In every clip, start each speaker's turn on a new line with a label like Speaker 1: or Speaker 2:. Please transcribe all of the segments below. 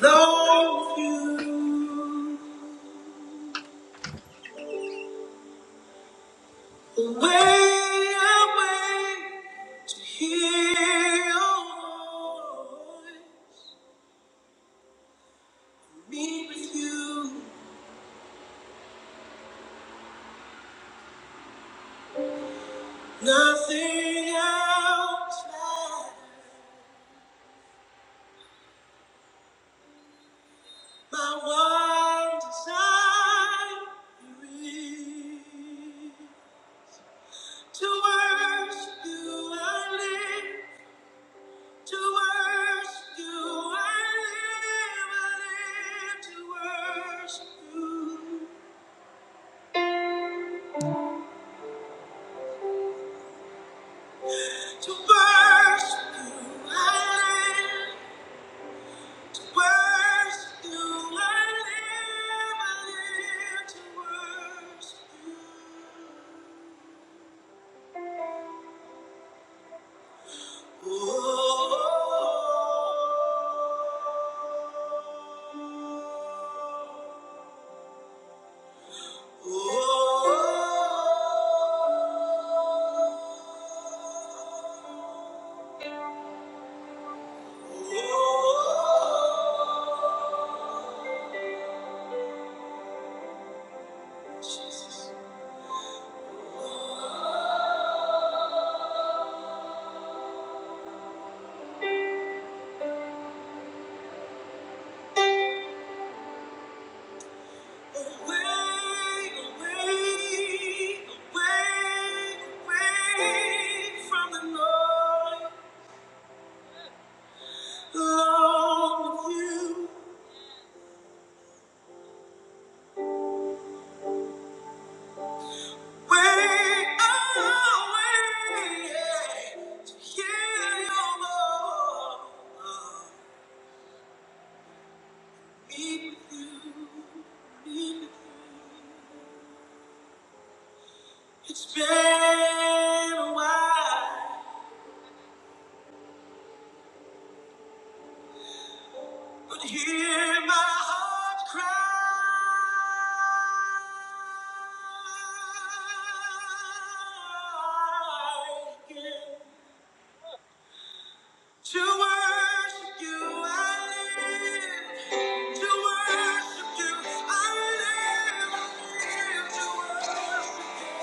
Speaker 1: Love you away, away to hear your voice. Me with you, nothing else matters. My one desire is to worship you. I live. To worship you, I live, I live to worship you. To worship you, I live, to worship you, I live, I live to worship you. oh. oh, oh. oh. Away, away, away, away from the noise. Alone with you. Way away, yeah, to hear your love. Meet with you, meet with you. It's been a while. But hear my heart cry again. To worship you, I live. To worship you, I live. I live to worship you.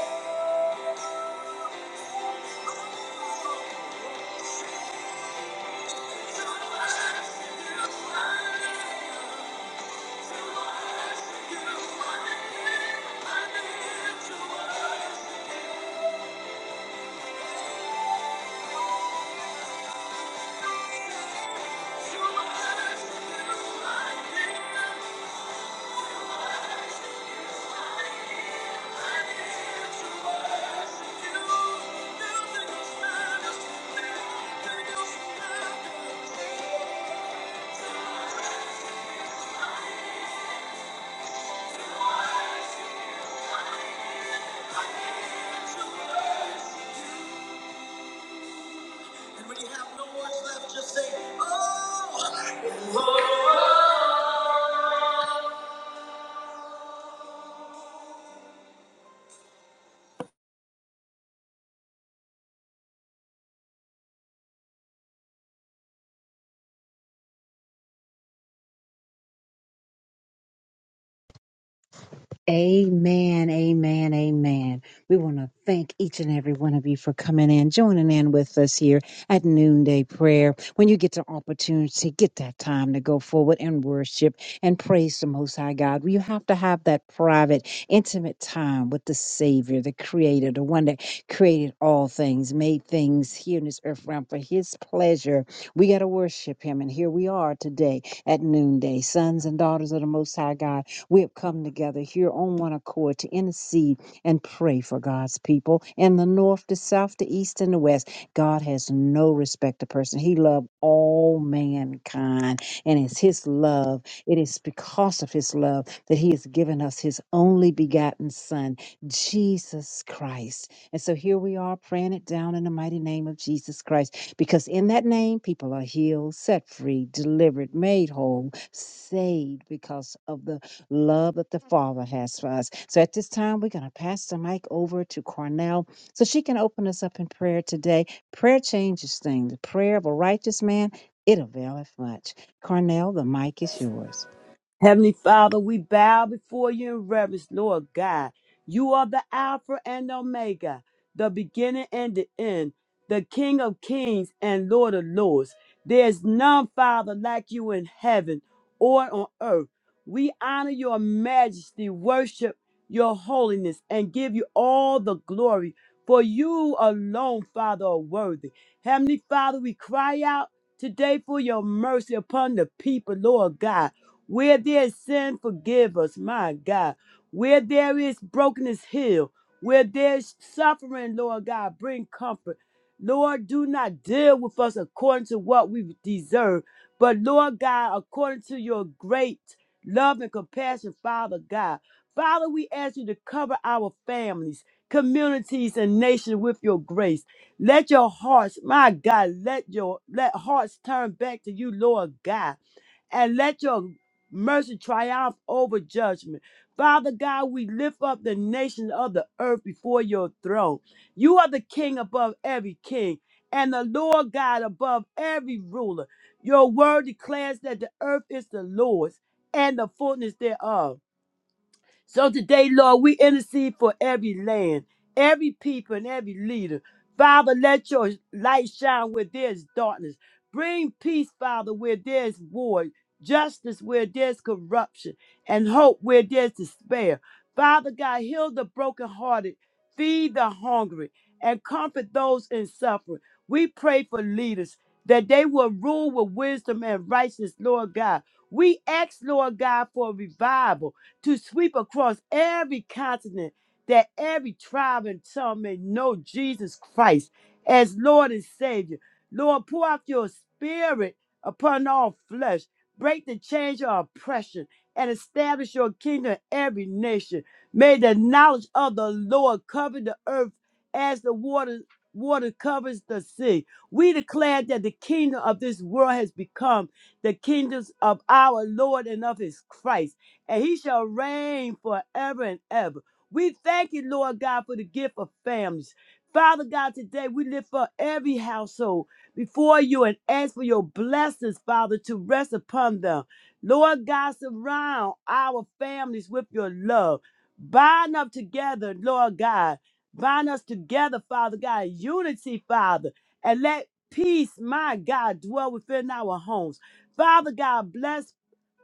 Speaker 1: I live to worship you. Nothing else matters. Nothing else matters. And when you have no words left, just say, Oh, oh, oh.
Speaker 2: Amen, amen, amen. We want to thank each and every one of you for coming in, joining in with us here at Noonday Prayer. When you get the opportunity, get that time to go forward and worship and praise the Most High God. You have to have that private, intimate time with the Savior, the Creator, the one that created all things, made things here in this earth realm for His pleasure. We got to worship Him. And here we are today at noonday, sons and daughters of the Most High God we have come together here on one accord to intercede and pray for God's people in the north, the south, the east, and the west. God has no respect to person. He loved all mankind, and it's His love. It is because of His love that He has given us His only begotten Son, Jesus Christ. And so here we are praying it down in the mighty name of Jesus Christ, because in that name, people are healed, set free, delivered, made whole, saved because of the love that the Father has for us. So at this time, we're going to pass the mic over to Cornell so she can open us up in prayer today. Prayer changes things. The prayer of a righteous man, it availeth much. Cornell, the mic is yours.
Speaker 3: Heavenly Father, we bow before you in reverence, Lord God. You are the Alpha and Omega, the beginning and the end, the King of kings and Lord of lords. There is none, Father, like you in heaven or on earth. We honor your majesty, worship your holiness, and give you all the glory, for you alone, Father, are worthy. Heavenly Father, we cry out today for your mercy upon the people, Lord God. Where there is sin, forgive us, my God. Where there is brokenness, heal. Where there is suffering, Lord God, bring comfort. Lord, do not deal with us according to what we deserve, but Lord God, according to your great love and compassion, Father God. Father, we ask you to cover our families, communities, and nations with your grace. Let your hearts, my God, let your let hearts turn back to you, Lord God and let your mercy triumph over judgment. Father God, we lift up the nations of the earth before your throne. You are the king above every king and the Lord God above every ruler. Your word declares that the earth is the Lord's and the fullness thereof so today, Lord, we intercede for every land, every people, and every leader. Father, let your light shine where there's darkness. Bring peace, Father, where there's war, justice where there's corruption, and hope where there's despair. Father God, heal the brokenhearted, feed the hungry, and comfort those in suffering. We pray for leaders that they will rule with wisdom and righteousness, Lord God. We ask, Lord God, for revival to sweep across every continent that every tribe and tongue may know Jesus Christ as Lord and Savior. Lord, pour out your spirit upon all flesh. Break the chains of oppression and establish your kingdom in every nation. May the knowledge of the Lord cover the earth as the water, water covers the sea. We declare that the kingdom of this world has become the kingdoms of our Lord and of his Christ and he shall reign forever and ever. We thank you, Lord God, for the gift of families. Father God, today we lift up every household before you and ask for your blessings, Father, to rest upon them. Lord God, surround our families with your love. Bind up together, Lord God. Bind us together, Father God, in unity, Father, and let peace, my God, dwell within our homes. Father God, bless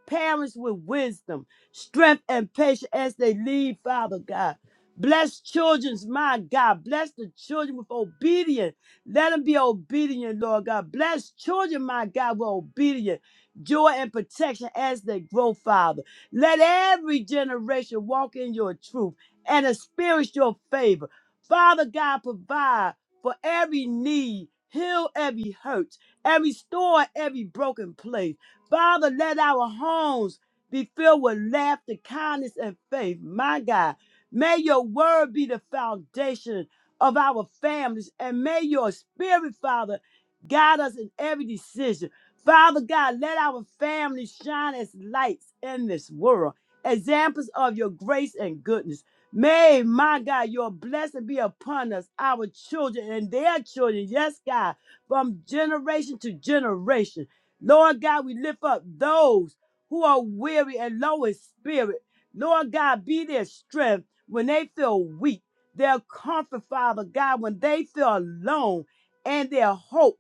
Speaker 3: parents with wisdom, strength, and patience as they lead, Father God. Bless children's my God. Bless the children with obedience. Let them be obedient, Lord God. Bless children, my God, with obedience, joy, and protection as they grow, Father. Let every generation walk in your truth and experience your favor. Father God, provide for every need, heal every hurt, and restore every broken place. Father, let our homes be filled with laughter, kindness, and faith. My God, may your word be the foundation of our families, and may your spirit, Father, guide us in every decision. Father God, let our families shine as lights in this world, examples of your grace and goodness. May, my God, your blessing be upon us, our children and their children. Yes, God, from generation to generation. Lord God, we lift up those who are weary and low in spirit. Lord God, be their strength when they feel weak, their comfort, Father God, when they feel alone, and their hope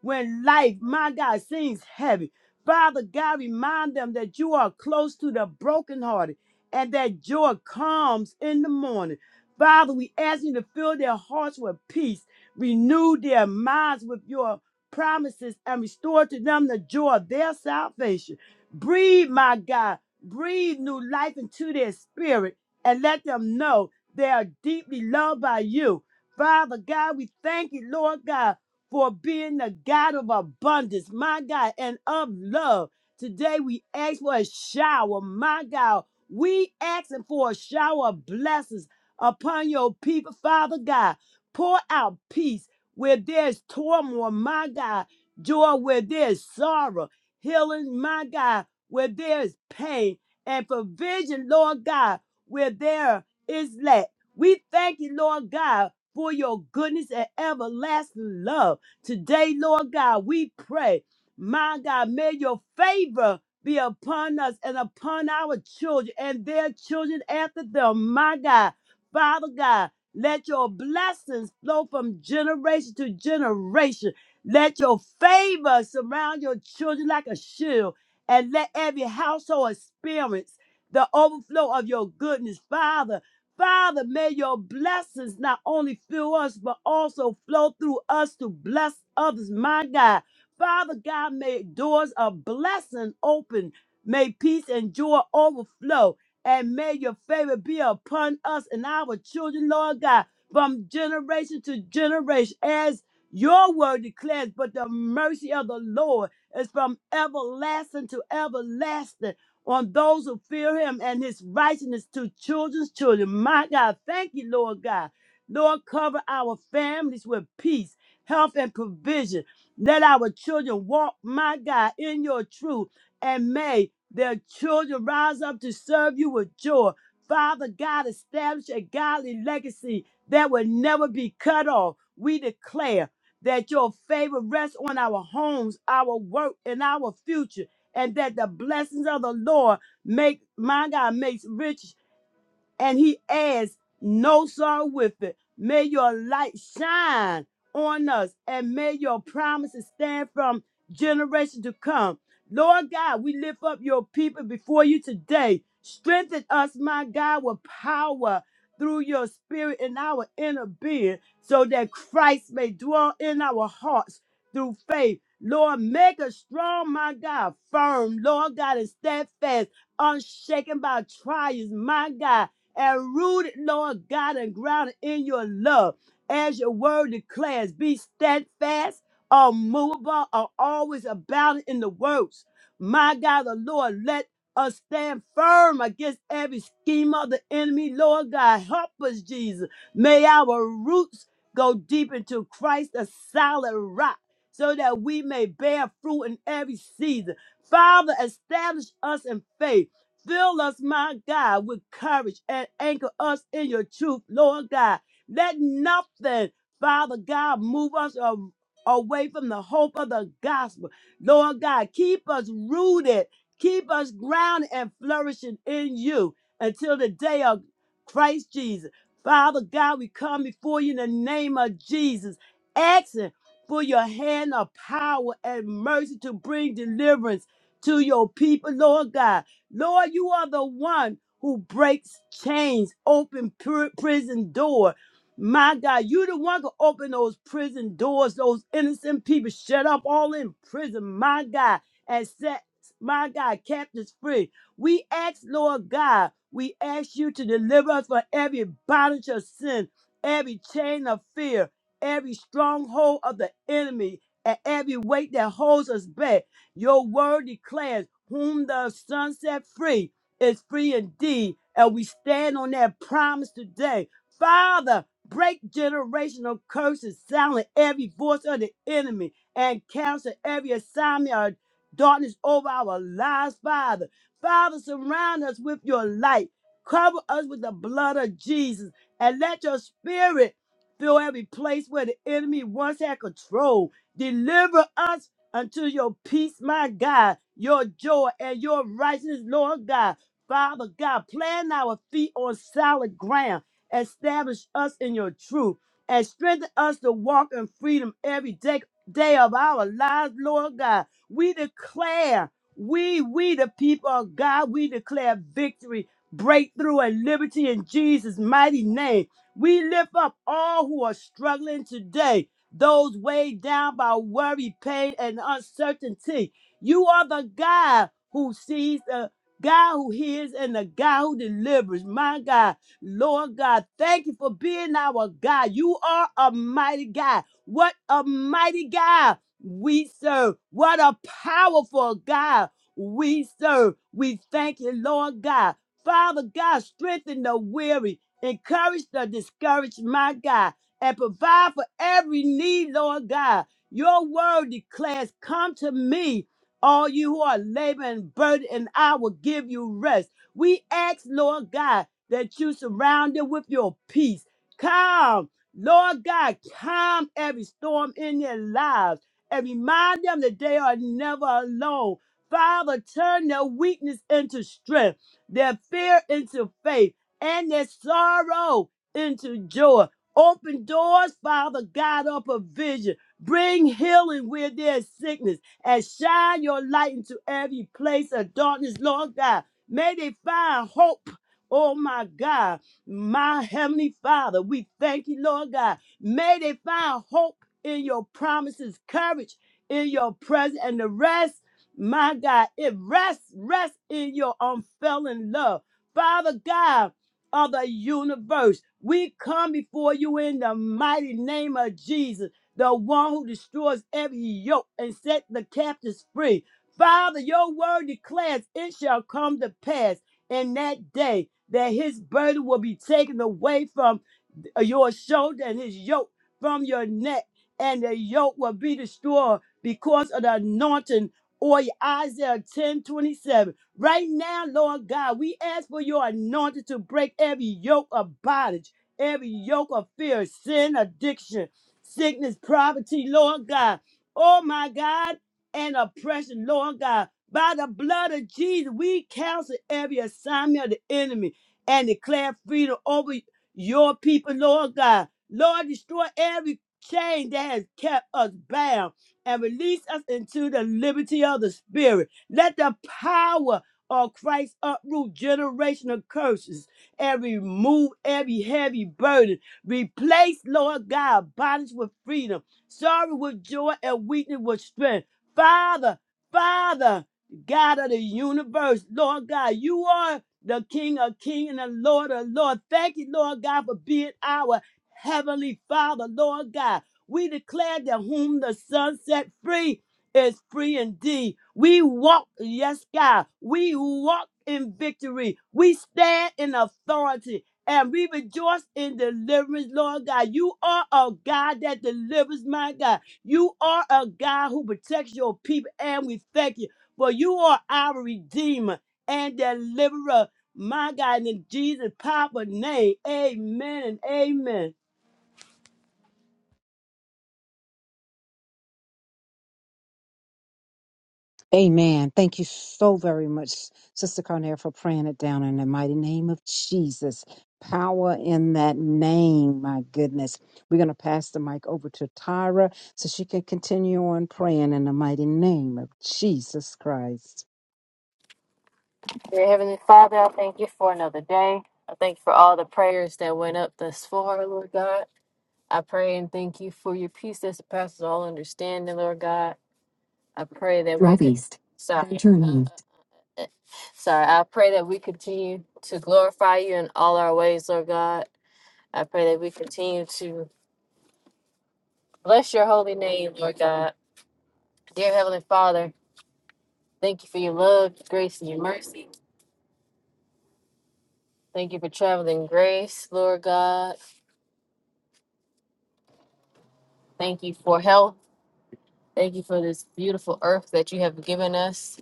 Speaker 3: when life, my God, seems heavy. Father God, remind them that you are close to the brokenhearted and that joy comes in the morning. Father, we ask you to fill their hearts with peace, renew their minds with your promises, and restore to them the joy of their salvation. Breathe, my God, breathe new life into their spirit and let them know they are deeply loved by you. Father God, we thank you, Lord God for being the God of abundance, my God, and of love. Today we ask for a shower, my God. We asking for a shower of blessings upon your people, Father God. Pour out peace where there's turmoil, my God. Joy where there's sorrow. Healing, my God, where there's pain. And provision, Lord God, where there is lack. We thank you, Lord God, for your goodness and everlasting love. Today, Lord God, we pray, my God, may your favor be upon us and upon our children and their children after them, my God. Father God, let your blessings flow from generation to generation. Let your favor surround your children like a shield, and let every household experience the overflow of your goodness, Father. Father, may your blessings not only fill us, but also flow through us to bless others, my God. Father God, may doors of blessing open. May peace and joy overflow. And may your favor be upon us and our children, Lord God, from generation to generation, as your word declares. But the mercy of the Lord is from everlasting to everlasting on those who fear him and his righteousness to children's children. My God, thank you, Lord God. Lord, cover our families with peace, health, and provision. Let our children walk, my God, in your truth, and may their children rise up to serve you with joy. Father God, establish a godly legacy that will never be cut off. We declare that your favor rests on our homes, our work, and our future and that the blessings of the Lord make my God makes rich and he adds no sorrow with it. May your light shine on us and may your promises stand from generation to come. Lord God, we lift up your people before you today. Strengthen us, my God, with power through your spirit in our inner being so that Christ may dwell in our hearts through faith. Lord, make us strong, my God, firm, Lord God, and steadfast, unshaken by trials, my God and rooted, Lord God, and grounded in your love. As your word declares, be steadfast, unmovable, are always abounding in the works. My God, the Lord, let us stand firm against every scheme of the enemy. Lord God, help us, Jesus. May our roots go deep into Christ, the solid rock, so that we may bear fruit in every season. Father, establish us in faith Fill us, my God, with courage and anchor us in your truth, Lord God. Let nothing, Father God, move us a- away from the hope of the gospel. Lord God, keep us rooted, keep us grounded and flourishing in you until the day of Christ Jesus. Father God, we come before you in the name of Jesus, asking for your hand of power and mercy to bring deliverance to your people, Lord God. Lord, you are the one who breaks chains, open pr- prison door. My God, you the one who open those prison doors, those innocent people shut up all in prison, my God, and set, my God, captives free. We ask, Lord God, we ask you to deliver us from every bondage of sin, every chain of fear, every stronghold of the enemy, and every weight that holds us back. Your word declares, Whom the Son set free is free indeed. And we stand on that promise today. Father, break generational curses, silence every voice of the enemy, and cancel every assignment of darkness over our lives, Father. Father, surround us with your light. Cover us with the blood of Jesus and let your spirit fill every place where the enemy once had control. Deliver us until your peace, my God, your joy and your righteousness, Lord God. Father God, plant our feet on solid ground, establish us in your truth, and strengthen us to walk in freedom every day, day of our lives, Lord God. We declare, we, we the people of God, we declare victory, breakthrough, and liberty in Jesus' mighty name. We lift up all who are struggling today those weighed down by worry, pain, and uncertainty. You are the God who sees, the God who hears, and the God who delivers. My God, Lord God, thank you for being our God. You are a mighty God. What a mighty God we serve. What a powerful God we serve. We thank you, Lord God. Father God, strengthen the weary, encourage the discouraged, my God and provide for every need, Lord God. Your word declares, Come to me, all you who are laboring and burdened, and I will give you rest. We ask, Lord God, that you surround them with your peace. Calm, Lord God, calm every storm in their lives and remind them that they are never alone. Father, turn their weakness into strength, their fear into faith, and their sorrow into joy. Open doors, Father God, of provision. Bring healing where there's sickness and shine your light into every place of darkness, Lord God. May they find hope. Oh my God, my Heavenly Father, we thank you, Lord God. May they find hope in your promises, courage in your presence, and the rest, my God, it rests, rests in your unfailing love. Father God, of the universe. We come before you in the mighty name of Jesus, the one who destroys every yoke and set the captives free. Father, your word declares it shall come to pass in that day that his burden will be taken away from your shoulder and his yoke from your neck, and the yoke will be destroyed because of the anointing. Or Isaiah 10 27. Right now, Lord God, we ask for your anointing to break every yoke of bondage, every yoke of fear, sin, addiction, sickness, poverty, Lord God. Oh my God, and oppression, Lord God. By the blood of Jesus, we cancel every assignment of the enemy and declare freedom over your people, Lord God. Lord, destroy every chain that has kept us bound and release us into the liberty of the Spirit. Let the power of Christ uproot generational curses and remove every heavy burden. Replace, Lord God, bondage with freedom, sorrow with joy, and weakness with strength. Father, Father, God of the universe, Lord God, you are the King of King and the Lord of Lord. Thank you, Lord God, for being our Heavenly Father, Lord God. We declare that whom the Son set free is free indeed. We walk, yes, God, we walk in victory. We stand in authority and we rejoice in deliverance, Lord God. You are a God that delivers, my God. You are a God who protects your people, and we thank you, for you are our Redeemer and deliverer. My God, in Jesus' powerful name, amen and amen.
Speaker 2: Amen. Thank you so very much, Sister Cornell, for praying it down in the mighty name of Jesus. Power in that name, my goodness. We're going to pass the mic over to Tyra so she can continue on praying in the mighty name of Jesus Christ.
Speaker 4: Dear Heavenly Father, I thank you for another day. I thank you for all the prayers that went up thus far, Lord God. I pray and thank you for your peace that surpasses all understanding, Lord God. I pray that we Drive could- east. Sorry. Turn uh, east. Sorry. I pray that we continue to glorify you in all our ways, Lord God. I pray that we continue to bless your holy name, Lord God. Dear Heavenly Father, thank you for your love, grace, and your mercy. Thank you for traveling grace, Lord God. Thank you for health. Thank you for this beautiful earth that you have given us.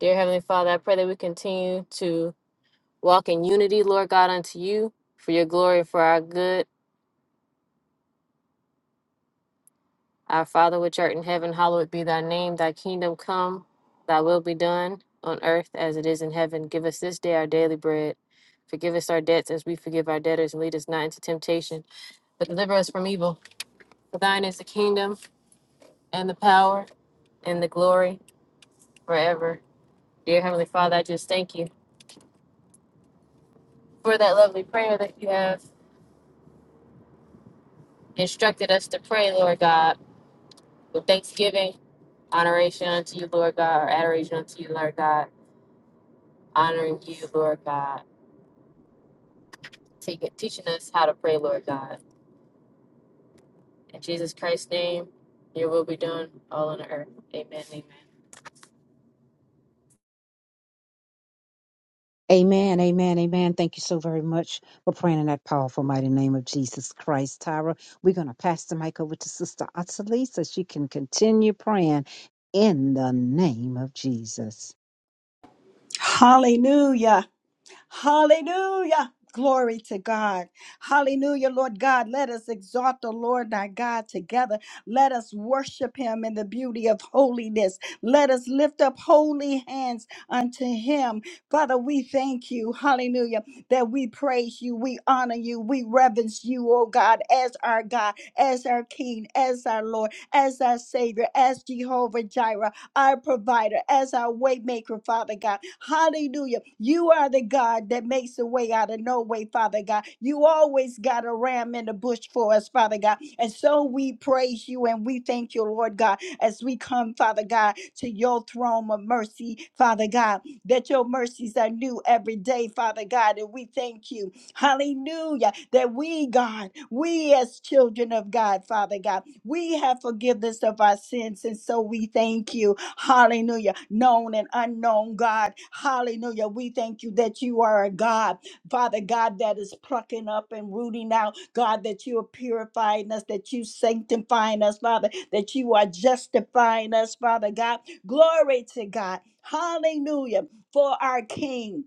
Speaker 4: Dear Heavenly Father, I pray that we continue to walk in unity, Lord God, unto you, for your glory, and for our good. Our Father, which art in heaven, hallowed be thy name. Thy kingdom come, thy will be done on earth as it is in heaven. Give us this day our daily bread. Forgive us our debts as we forgive our debtors, and lead us not into temptation, but deliver us from evil. For thine is the kingdom, and the power, and the glory forever. Dear Heavenly Father, I just thank you. for that lovely prayer that you have instructed us to pray, Lord God, with thanksgiving, honoration unto you, Lord God, or adoration unto you, Lord God, honoring you, Lord God, Take- teaching us how to pray, Lord God. In Jesus Christ's name, your will be done all on earth. Amen. Amen.
Speaker 2: Amen, amen, amen. Thank you so very much for praying in that powerful, mighty name of Jesus Christ. Tyra, we're going to pass the mic over to Sister Ottilie so she can continue praying in the name of Jesus.
Speaker 5: Hallelujah. Hallelujah. Glory to God. Hallelujah, Lord God. Let us exalt the Lord our God together. Let us worship him in the beauty of holiness. Let us lift up holy hands unto him. Father, we thank you. Hallelujah. That we praise you. We honor you. We reverence you, oh God, as our God, as our King, as our Lord, as our Savior, as Jehovah Jireh our provider, as our way maker, Father God. Hallelujah. You are the God that makes a way out of no way, Father God. You always got a ram in the bush for us, Father God. And so we praise you and we thank you, Lord God, as we come, Father God, to your throne of mercy, Father God, that your mercies are new every day, Father God. And we thank you. Hallelujah. That we, God, we as children of God, Father God, we have forgiveness of our sins. And so we thank you. Hallelujah. Known and unknown, God. Hallelujah. We thank you that you are a God, Father God, that is plucking up and rooting out. God, that you are purifying us, that you sanctifying us, Father, that you are justifying us, Father God. Glory to God. Hallelujah. For our King.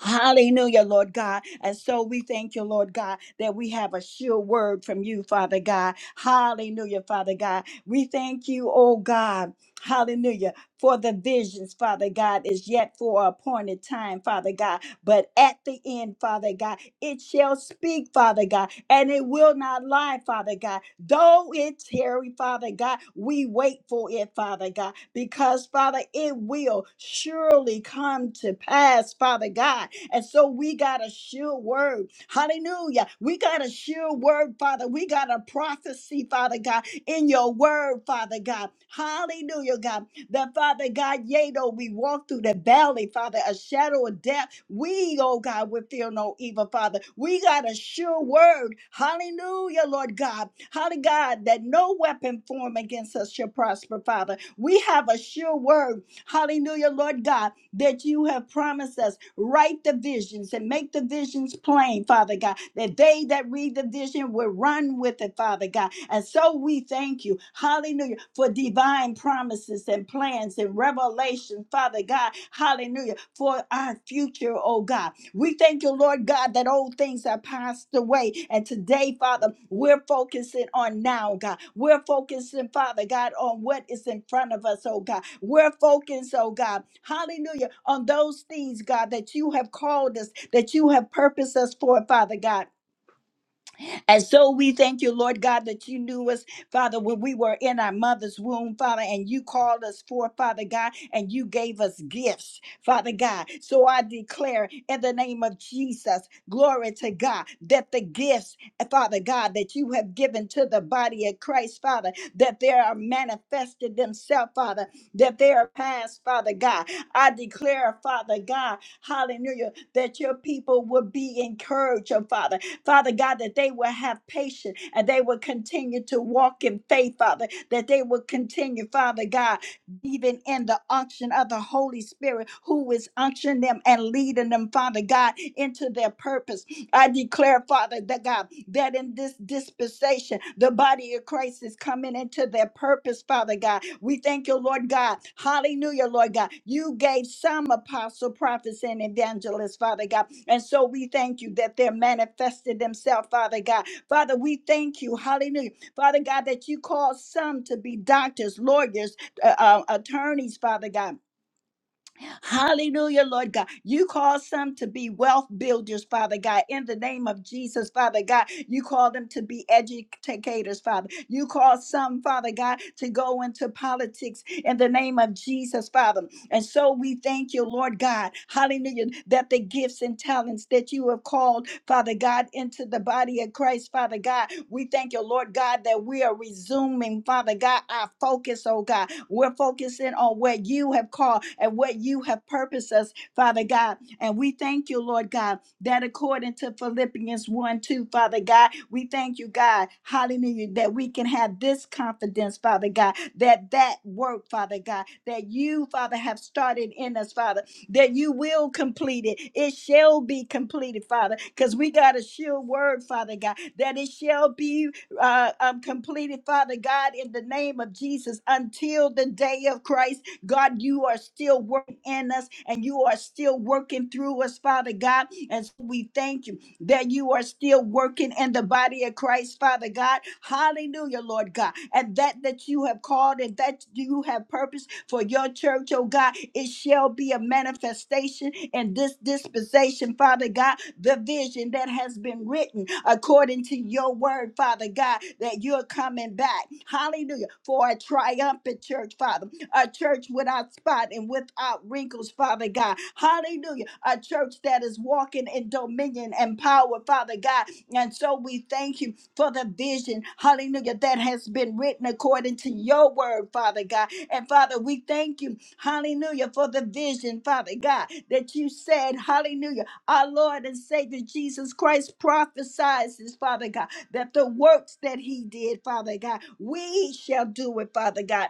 Speaker 5: Hallelujah, Lord God. And so we thank you, Lord God, that we have a sure word from you, Father God. Hallelujah, Father God. We thank you, oh God. Hallelujah. For the visions, Father God, is yet for a appointed time, Father God. But at the end, Father God, it shall speak, Father God, and it will not lie, Father God. Though it tarry, Father God, we wait for it, Father God, because, Father, it will surely come to pass, Father God. And so we got a sure word. Hallelujah. We got a sure word, Father. We got a prophecy, Father God, in your word, Father God. Hallelujah, God. That Father God, yea, though we walk through the valley, Father, a shadow of death, we, oh God, will feel no evil, Father. We got a sure word. Hallelujah, Lord God. Hallelujah, God, that no weapon formed against us shall prosper, Father. We have a sure word. Hallelujah, Lord God that you have promised us. Write the visions and make the visions plain, Father God, that they that read the vision will run with it, Father God. And so we thank you, hallelujah, for divine promises and plans and revelation, Father God, hallelujah, for our future, oh God. We thank you, Lord God, that old things have passed away. And today, Father, we're focusing on now, God. We're focusing, Father God, on what is in front of us, oh God. We're focused, oh God, hallelujah, on those things, God, that you have called us, that you have purposed us for, Father God. And so we thank you, Lord God, that you knew us, Father, when we were in our mother's womb, Father, and you called us forth, Father God, and you gave us gifts, Father God. So I declare in the name of Jesus, glory to God, that the gifts, Father God, that you have given to the body of Christ, Father, that they are manifested themselves, Father, that they are passed, Father God. I declare, Father God, hallelujah, that your people will be encouraged, oh Father Father God, that they will have patience and they will continue to walk in faith, Father, that they will continue, Father God, even in the unction of the Holy Spirit, who is unctioning them and leading them, Father God, into their purpose. I declare, Father, that God, that in this dispensation, the body of Christ is coming into their purpose, Father God. We thank you, Lord God. Hallelujah, Lord God. You gave some apostle, prophets, and evangelists, Father God and so we thank you that they're manifested themselves, Father God. Father, we thank you, hallelujah. Father God, that you called some to be doctors, lawyers, uh, uh, attorneys, Father God. Hallelujah, Lord God. You call some to be wealth builders, Father God. In the name of Jesus, Father God, you call them to be educators, Father. You call some, Father God, to go into politics in the name of Jesus, Father. And so we thank you, Lord God, hallelujah, that the gifts and talents that you have called, Father God, into the body of Christ, Father God, we thank you, Lord God, that we are resuming, Father God, our focus, oh God. We're focusing on what you have called and what you have purposed us, Father God. And we thank you, Lord God that according to Philippians 1 2, Father God, we thank you, God, hallelujah, that we can have this confidence, Father God, that that work, Father God, that you, Father, have started in us, Father, that you will complete it. It shall be completed, Father, because we got a sure word, Father God, that it shall be uh, um, completed, Father God, in the name of Jesus until the day of Christ God, you are still working in us and you are still working through us, Father God. And so we thank you that you are still working in the body of Christ, Father God. Hallelujah, Lord God. And that that you have called and that you have purpose for your church, oh God, it shall be a manifestation in this dispensation, Father God. The vision that has been written according to your word, Father God, that you're coming back. Hallelujah. For a triumphant church, Father a church without spot and without wrinkles, Father God. Hallelujah. A church that is walking in dominion and power, Father God. And so we thank you for the vision, hallelujah, that has been written according to your word, Father God. And Father, we thank you, hallelujah, for the vision, Father God, that you said, hallelujah, our Lord and Savior Jesus Christ prophesies this, Father God, that the works that he did, Father God, we shall do it, Father God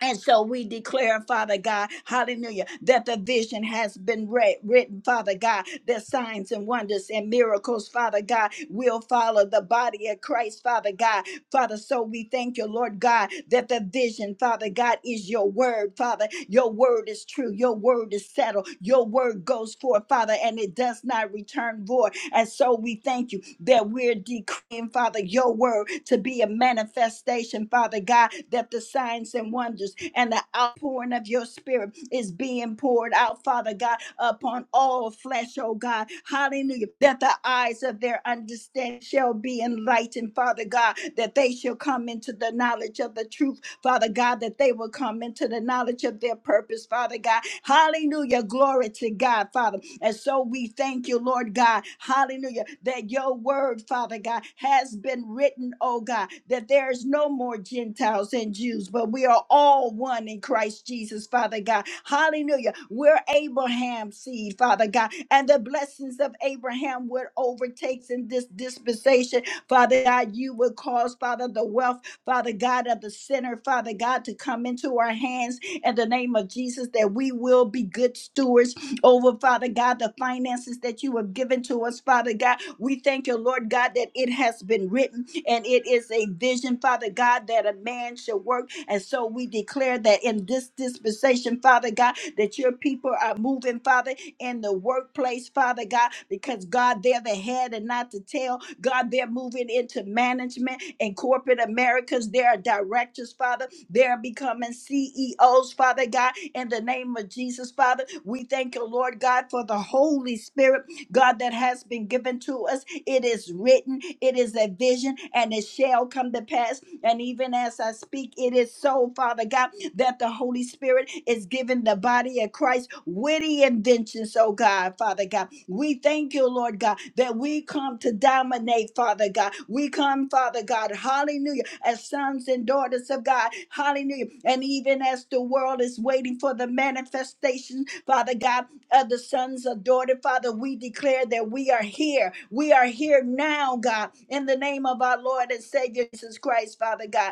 Speaker 5: and so we declare, Father God, hallelujah, that the vision has been read, written, Father God, that signs and wonders and miracles, Father God, will follow the body of Christ, Father God. Father, so we thank you, Lord God, that the vision, Father God, is your word, Father. Your word is true. Your word is settled. Your word goes forth, Father, and it does not return void. And so we thank you that we're decreeing, Father, your word to be a manifestation declaration, Father God, that the signs and wonders and the outpouring of your spirit is being poured out, Father God, upon all flesh, oh God. Hallelujah. That the eyes of their understanding shall be enlightened, Father God, that they shall come into the knowledge of the truth, Father God, that they will come into the knowledge of their purpose, Father God. Hallelujah. Glory to God, Father. And so we thank you, Lord God, hallelujah, that your word, Father God, has been written, oh God, that there is no more Gentiles and Jews, but we are all one in Christ Jesus, Father God. Hallelujah. We're Abraham's seed, Father God, and the blessings of Abraham would overtakes in this dispensation, Father God. You would cause, Father, the wealth, Father God, of the sinner, Father God, to come into our hands in the name of Jesus, that we will be good stewards over, Father God, the finances that you have given to us, Father God. We thank you, Lord God, that it has been written and it is a vision, Father God, that a man shall work. And so we declare that in this dispensation, Father God, that your people are moving, Father, in the word workplace, Father God, because God, they're the head and not the tail. God, they're moving into management and corporate Americas. They are directors, Father. They're becoming CEOs, Father God, in the name of Jesus, Father. We thank you, Lord God, for the Holy Spirit God, that has been given to us. It is written, it is a vision, and it shall come to pass. And even as I speak, it is so, Father God, that the Holy Spirit is giving the body of Christ witty inventions, oh God, Father God. We thank you, Lord God, that we come to dominate, Father. Father God. We come, Father God, hallelujah, as sons and daughters of God, hallelujah. And even as the world is waiting for the manifestation, Father God, of the sons of daughter, Father, we declare that we are here. We are here now, God, in the name of our Lord and Savior Jesus Christ, Father God.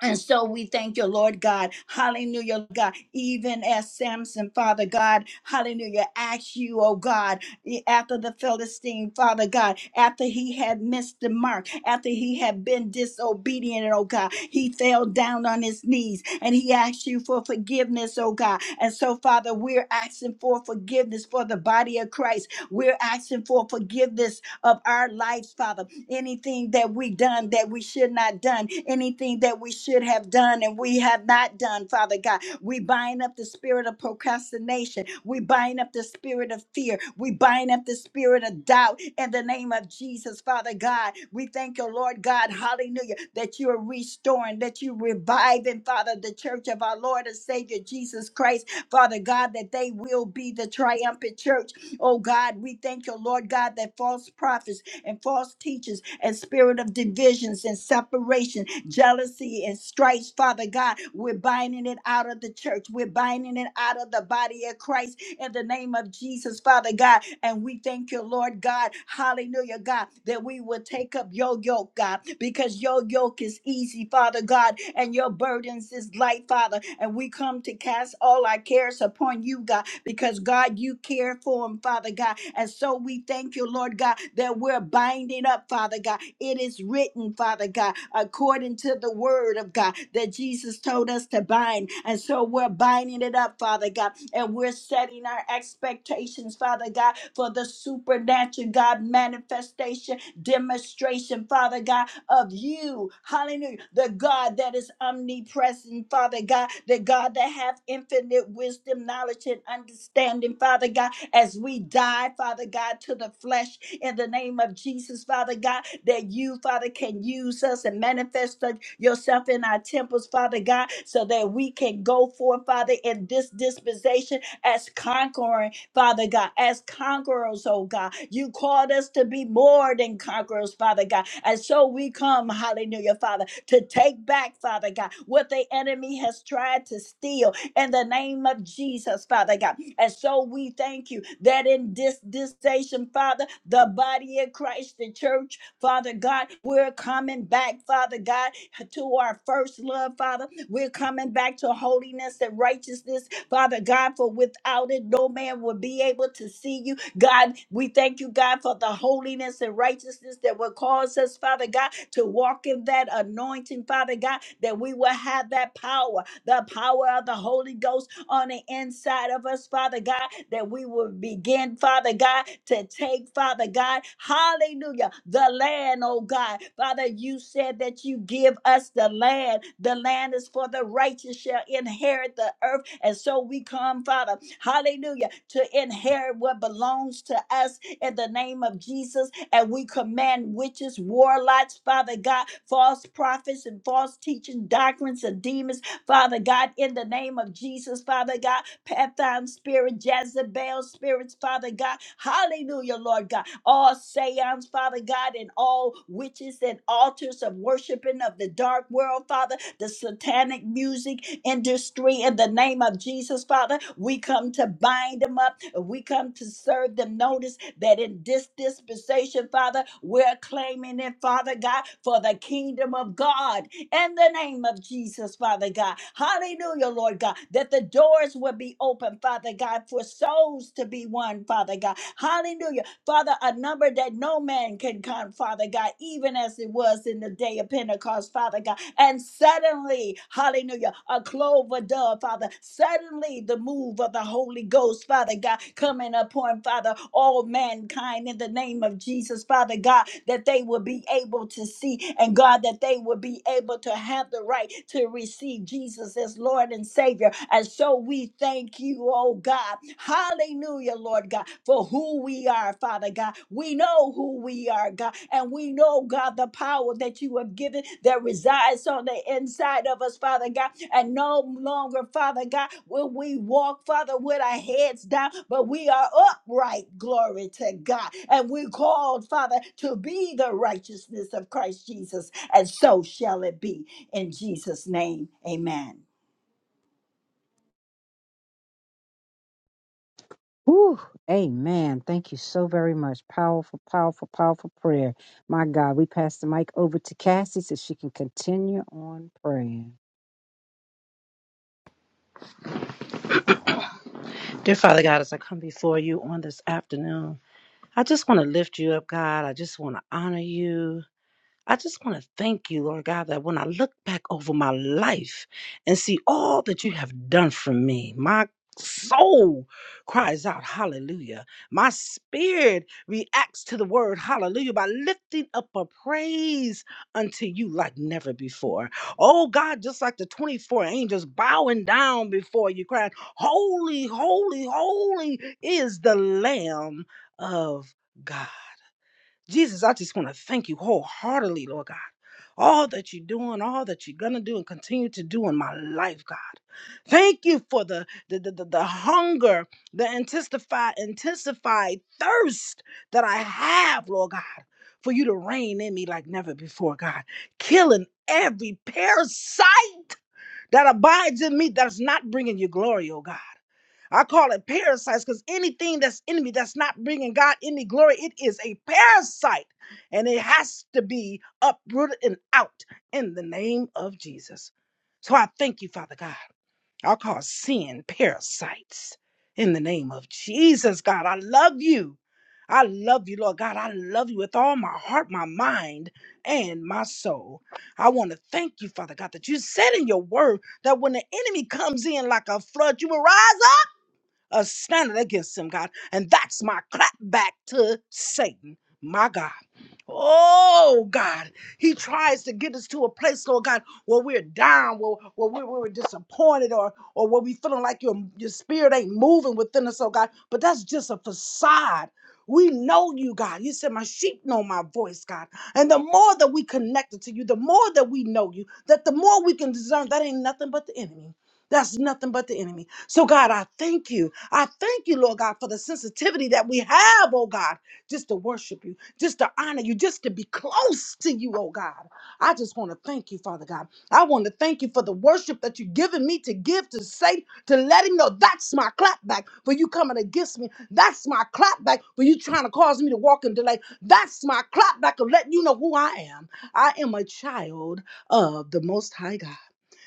Speaker 5: And so we thank you, Lord God. Hallelujah, God. Even as Samson, Father God, hallelujah, asked you, oh God, after the Philistine, Father God, after he had missed the mark, after he had been disobedient, oh God, he fell down on his knees and he asked you for forgiveness, oh God. And so, Father, we're asking for forgiveness for the body of Christ. We're asking for forgiveness of our lives, Father anything that we done that we should not done, anything that we should have done and we have not done, Father God. We bind up the spirit of procrastination. We bind up the spirit of fear. We bind up the spirit of doubt in the name of Jesus, Father God. We thank you, Lord God, hallelujah, that you are restoring, that you reviving, Father, the church of our Lord and Savior Jesus Christ, Father God, that they will be the triumphant church. Oh God, we thank you, Lord God, that false prophets and false teachers and spirit of divisions and separation, jealousy and strife, Father God. We're binding it out of the church. We're binding it out of the body of Christ in the name of Jesus, Father God. And we thank you, Lord God. Hallelujah, God, that we will take up your yoke, God, because your yoke is easy, Father God, and your burdens is light, Father. And we come to cast all our cares upon you, God, because God, you care for them, Father God. And and so we thank you, Lord God, that we're binding up, Father God. It is written, Father God, according to the word of God that Jesus told us to bind. And so we're binding it up, Father God. And we're setting our expectations, Father God, for the supernatural God manifestation, demonstration, Father God, of you. Hallelujah. The God that is omnipresent, Father God, the God that hath infinite wisdom, knowledge, and understanding, Father God as we die, Father God, to the flesh in the name of Jesus, Father God, that you, Father, can use us and manifest the- yourself in our temples, Father God, so that we can go forth, Father, in this dispensation as conquering, Father God, as conquerors, oh God. You called us to be more than conquerors, Father God. And so we come, hallelujah, Father, to take back, Father God, what the enemy has tried to steal in the name of Jesus, Father God. And so we thank you that in this dispensation, Father, the body of Christ, the church, Father God, we're coming back, Father God, to our first love, Father. We're coming back to holiness and righteousness, Father God, for without it, no man will be able to see you. God, we thank you, God, for the holiness and righteousness that will cause us, Father God, to walk in that anointing, Father God, that we will have that power, the power of the Holy Ghost on the inside of us, Father God, that we will begin, Father God, to take, Father God, hallelujah, the land, oh God. Father, you said that you give us the land. The land is for the righteous shall inherit the earth. And so we come, Father, hallelujah, to inherit what belongs to us in the name of Jesus. And we command witches, warlocks, Father God, false prophets and false teaching doctrines and demons Father God, in the name of Jesus, Father God, Pathan spirit, Jezebel spirits, Father God, hallelujah, Lord God, all seance, Father God, and all witches and altars of worshiping of the dark world, Father, the satanic music industry, in the name of Jesus, Father, we come to bind them up, we come to serve them notice that in this dispensation, Father, we're claiming it, Father God, for the kingdom of God in the name of Jesus, Father God. Hallelujah, Lord God, that the doors will be open, Father God, for souls to be won, Father God. Hallelujah Father, a number that no man can count, Father God, even as it was in the day of Pentecost, Father God. And suddenly, hallelujah, a clover dove, Father, suddenly the move of the Holy Ghost, Father God, coming upon, Father, all mankind in the name of Jesus, Father God, that they will be able to see and God, that they will be able to have the right to receive Jesus as Lord and Savior. And so we thank you, oh God. God. Hallelujah, Lord God, for who we are, Father God. We know who we are, God, and we know, God, the power that you have given that resides on the inside of us, Father God. And no longer, Father God, will we walk, Father, with our heads down, but we are upright, glory to God. And we're called, Father, to be the righteousness of Christ Jesus, and so shall it be. In Jesus' name, amen.
Speaker 2: Whew, amen. Thank you so very much. Powerful, powerful, powerful prayer. My God, we pass the mic over to Cassie so she can continue on praying.
Speaker 6: Dear Father God, as I come before you on this afternoon, I just want to lift you up, God. I just want to honor you. I just want to thank you, Lord God, that when I look back over my life and see all that you have done for me, my soul cries out hallelujah. My spirit reacts to the word hallelujah by lifting up a praise unto you like never before. Oh God, just like the 24 angels bowing down before you, crying, Holy, holy, holy is the Lamb of God. Jesus, I just want to thank you wholeheartedly, Lord God. All that you're doing, all that you're gonna do and continue to do in my life, God. Thank you for the the, the, the, the hunger, the intensified, intensified thirst that I have, Lord God, for you to reign in me like never before, God. Killing every parasite that abides in me that's not bringing you glory, oh God. I call it parasites because anything that's in me that's not bringing God any glory, it is a parasite and it has to be uprooted and out in the name of Jesus. So I thank you, Father God. i call sin parasites in the name of Jesus, God. I love you. I love you, Lord God. I love you with all my heart, my mind, and my soul. I want to thank you, Father God, that you said in your word that when the enemy comes in like a flood, you will rise uh, standing against him, God. And that's my clap back to Satan, my God. Oh, God. He tries to get us to a place, Lord God, where we're down, where, where we- we we're disappointed, or, or where we feeling like your, your spirit ain't moving within us, oh God. But that's just a facade. We know you, God. You said, My sheep know my voice, God. And the more that we connected to you, the more that we know you, that the more we can discern that ain't nothing but the enemy. That's nothing but the enemy. So, God, I thank you I thank you, Lord God, for the sensitivity that we have, oh God, just to worship you, just to honor you, just to be close to you, oh God. I just want to thank you, Father God. I want to thank you for the worship that you've given me to give, to say, to let him know that's my clapback for you coming against me. That's my clapback for you trying to cause me to walk in delay. That's my clapback of letting you know who I am. I am a child of the Most High God.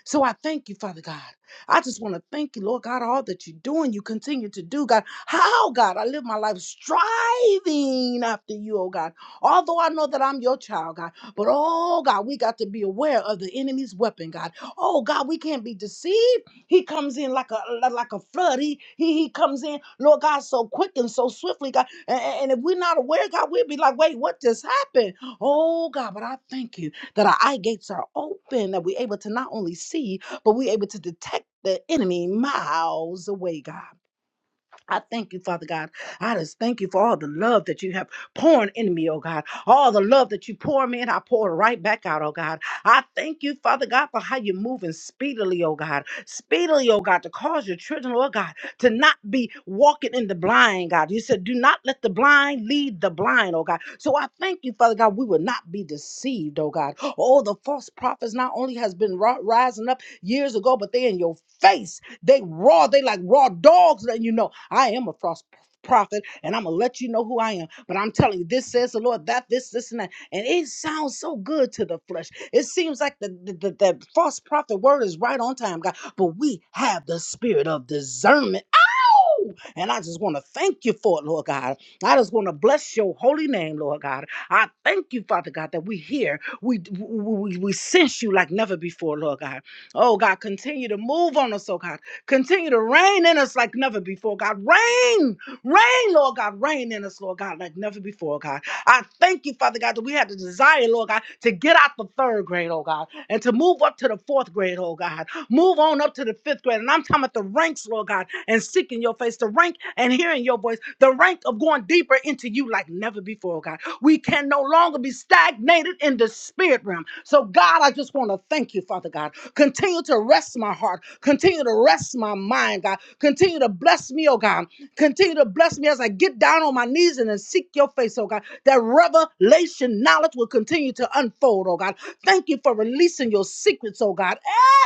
Speaker 6: So I thank you, Father God. I just want to thank you, Lord God, all that you're doing, you continue to do, God. How, God, I live my life striving after you, oh God. Although I know that I'm your child, God, but oh God, we got to be aware of the enemy's weapon, God. Oh God, we can't be deceived. He comes in like a li- like a flood. He he, he comes in, Lord God, so quick and so swiftly, God. A- a- And, if we're not aware, God, we'll be like, wait, what just happened? Oh God, but I thank you that our eye gates are open, that we're able to not only see, but we're able to detect the enemy miles away, God. I thank you, Father God. I just thank you for all the love that you have poured in me, oh God. All the love that you pour me in, I pour it right back out, oh God. I thank you, Father God, for how you're moving speedily, oh God. Speedily, oh God, to cause your children, oh God, to not be walking in the blind, God. You said, do not let the blind lead the blind, oh God. So I thank you, Father God, we will not be deceived, oh God. Oh, the false prophets not only has been ri- rising up years ago, but they in your face. They raw, they like raw dogs, letting you know. I am a false prophet, and I'm gonna let you know who I am. But I'm telling you, this says the Lord, that, this, this, and that. And it sounds so good to the flesh. It seems like the, the, the, the false prophet word is right on time, God. But we have the spirit of discernment Woo! And I just want to thank you for it, Lord God. I just want to bless your holy name, Lord God. I thank you, Father God, that we here. We, we, we we sense you like never before, Lord God. Oh, God, continue to move on us, oh God. Continue to reign in us like never before, God. Reign, reign, Lord God. Reign in us, Lord God, like never before, God. I thank you, Father God, that we had the desire, Lord God, to get out the third grade, oh God, and to move up to the fourth grade, oh God. Move on up to the fifth grade. And I'm talking about the ranks, Lord God, and seeking your face, the rank and hearing your voice, the rank of going deeper into you like never before, oh God. We can no longer be stagnated in the spirit realm. So, God, I just want to thank you, Father God. Continue to rest my heart. Continue to rest my mind, God. Continue to bless me, oh God. Continue to bless me as I get down on my knees and then seek your face, oh God. That revelation knowledge will continue to unfold, oh God. Thank you for releasing your secrets, oh God.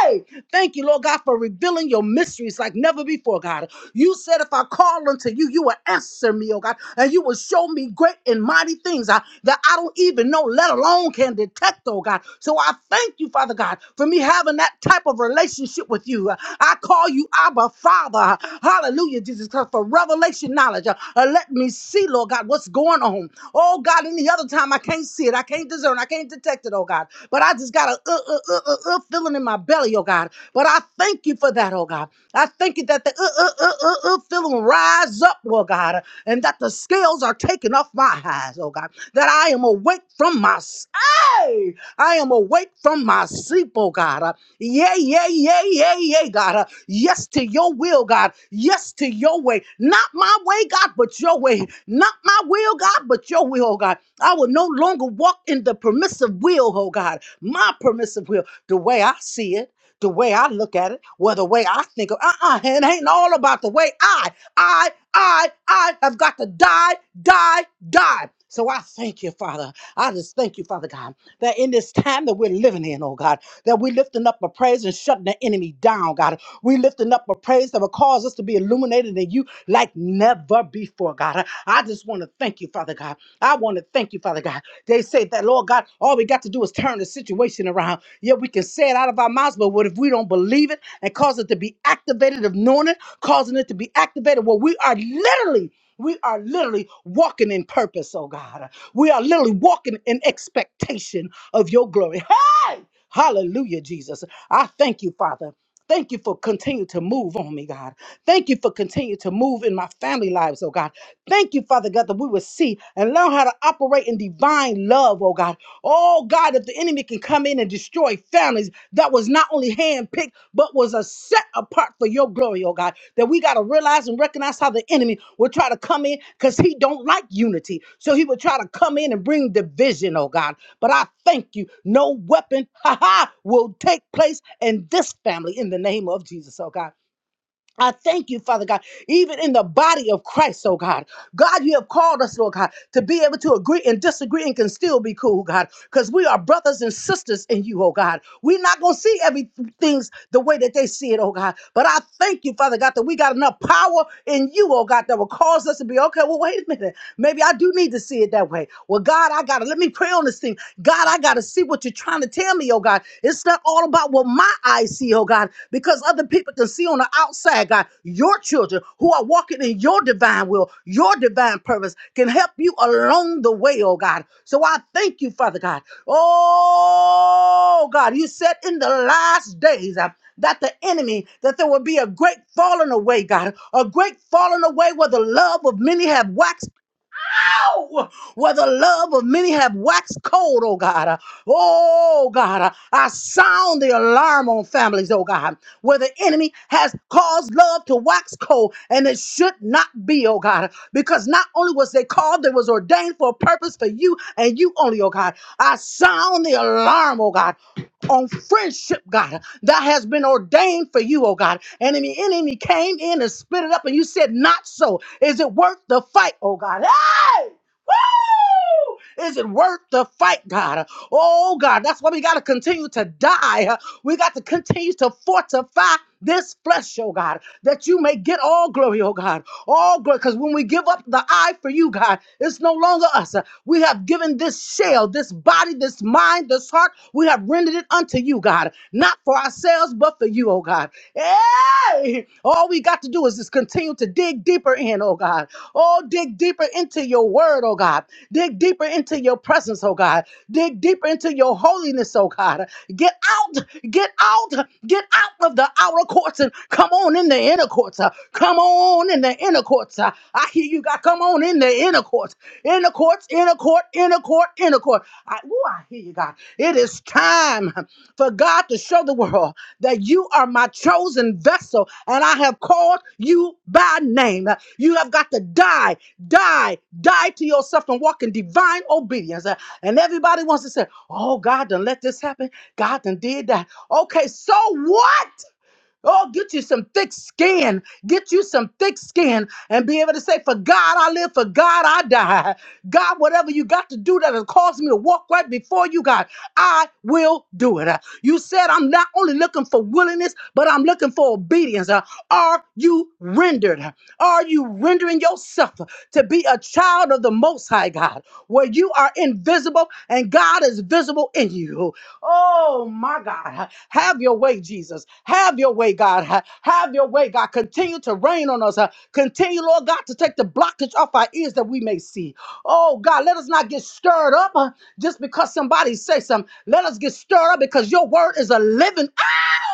Speaker 6: Hey! Thank you, Lord God, for revealing your mysteries like never before, God. You said, if I call unto you, you will answer me, oh God, and you will show me great and mighty things uh, that I don't even know, let alone can detect, oh God. So I thank you, Father God, for me having that type of relationship with you. Uh, I call you Abba, Father. Hallelujah, Jesus Christ, for revelation knowledge. Uh, uh, let me see, Lord God, what's going on. Oh God, any other time I can't see it, I can't discern, I can't detect it, oh God. But I just got a uh, uh, uh, uh, uh, feeling in my belly, oh God. But I thank you for that, oh God. I thank you that the uh, uh, uh, uh, uh, feeling rise up, Lord God, and that the scales are taken off my eyes, oh God, that I am awake from my s- hey, I am awake from my sleep, oh God. Uh, yeah, yeah, yeah, yeah, yeah, God. Uh, yes to your will, God. Yes to your way. Not my way, God, but your way. Not my will, God, but your will, oh God. I will no longer walk in the permissive will, oh God. My permissive will, the way I see it the way I look at it, well, the way I think of uh-uh, it ain't all about the way I, I, I, I have got to die, die, die. So I thank you, Father. I just thank you, Father God, that in this time that we're living in, oh God, that we're lifting up a praise and shutting the enemy down, God. We're lifting up a praise that will cause us to be illuminated in you like never before, God. I just want to thank you, Father God. I want to thank you, Father God. They say that, Lord God, all we got to do is turn the situation around. Yeah, we can say it out of our mouths, but what if we don't believe it and cause it to be activated of knowing it, causing it to be activated? Well, we are literally. We are literally walking in purpose, oh God. We are literally walking in expectation of your glory. Hey! Hallelujah, Jesus. I thank you, Father. Thank you for continue to move on me, God. Thank you for continue to move in my family lives, oh God. Thank you, Father God, that we will see and learn how to operate in divine love, oh God. Oh God, that the enemy can come in and destroy families that was not only handpicked, but was a set apart for your glory, oh God, that we got to realize and recognize how the enemy will try to come in because he don't like unity. So he will try to come in and bring division, oh God. But I thank you, no weapon, ha ha, will take place in this family in the name of Jesus, oh God. I thank you, Father God, even in the body of Christ, oh God. God, you have called us, Lord God, to be able to agree and disagree and can still be cool, God, because we are brothers and sisters in you, oh God. We're not going to see everything the way that they see it, oh God. But I thank you, Father God, that we got enough power in you, oh God, that will cause us to be, okay, well, wait a minute. Maybe I do need to see it that way. Well, God, I gotta let me pray on this thing. God, I gotta see what you're trying to tell me, oh God. It's not all about what my eyes see, oh God, because other people can see on the outside, God. Your children who are walking in your divine will, your divine purpose can help you along the way, oh God. So I thank you, Father God. Oh God, you said in the last days, I that the enemy, that there will be a great falling away, God, a great falling away where the love of many have waxed now where the love of many have waxed cold, oh God. Oh God, I sound the alarm on families, oh God, where the enemy has caused love to wax cold, and it should not be, oh God, because not only was they called, they was ordained for a purpose for you and you only, oh God. I sound the alarm, oh God, on friendship, God, that has been ordained for you, oh God. And the enemy came in and spit it up, and you said, Not so. Is it worth the fight, oh God? Hey! Woo! Is it worth the fight, God? Oh God, that's why we got to continue to die. We got to continue to fortify this flesh, oh God, that you may get all glory, oh God. All glory, because when we give up the eye for you, God, it's no longer us. We have given this shell, this body, this mind, this heart, we have rendered it unto you, God. Not for ourselves, but for you, oh God. Hey! All we got to do is just continue to dig deeper in, oh God. Oh, dig deeper into your word, oh God. Dig deeper into your presence, oh God. Dig deeper into your holiness, oh God. Get out, get out, get out of the outer courts and come on in the inner courts. uh, Come on in the inner courts. uh, I hear you God. come on in the inner courts. Inner courts, inner court, inner court, inner court. I, ooh, I hear you, God. It is time for God to show the world that you are my chosen vessel and I have called you by name. You have got to die, die, die to yourself and walk in divine obedience. Uh, And everybody wants to say, Oh, God done let this happen. God done did that. Okay, so what? Oh, get you some thick skin. Get you some thick skin and be able to say, For God I live, for God I die. God, whatever you got to do that has caused me to walk right before you, God, I will do it. Uh, You said, I'm not only looking for willingness, but I'm looking for obedience. Uh, Are you rendered? Are you rendering yourself to be a child of the Most High God, where you are invisible and God is visible in you? Oh my God. Have your way, Jesus. Have your way, God. Have your way, God. Continue to rain on us. Continue, Lord God, to take the blockage off our ears that we may see. Oh God, let us not get stirred up uh, just because somebody say something. Let us get stirred up because your word is a living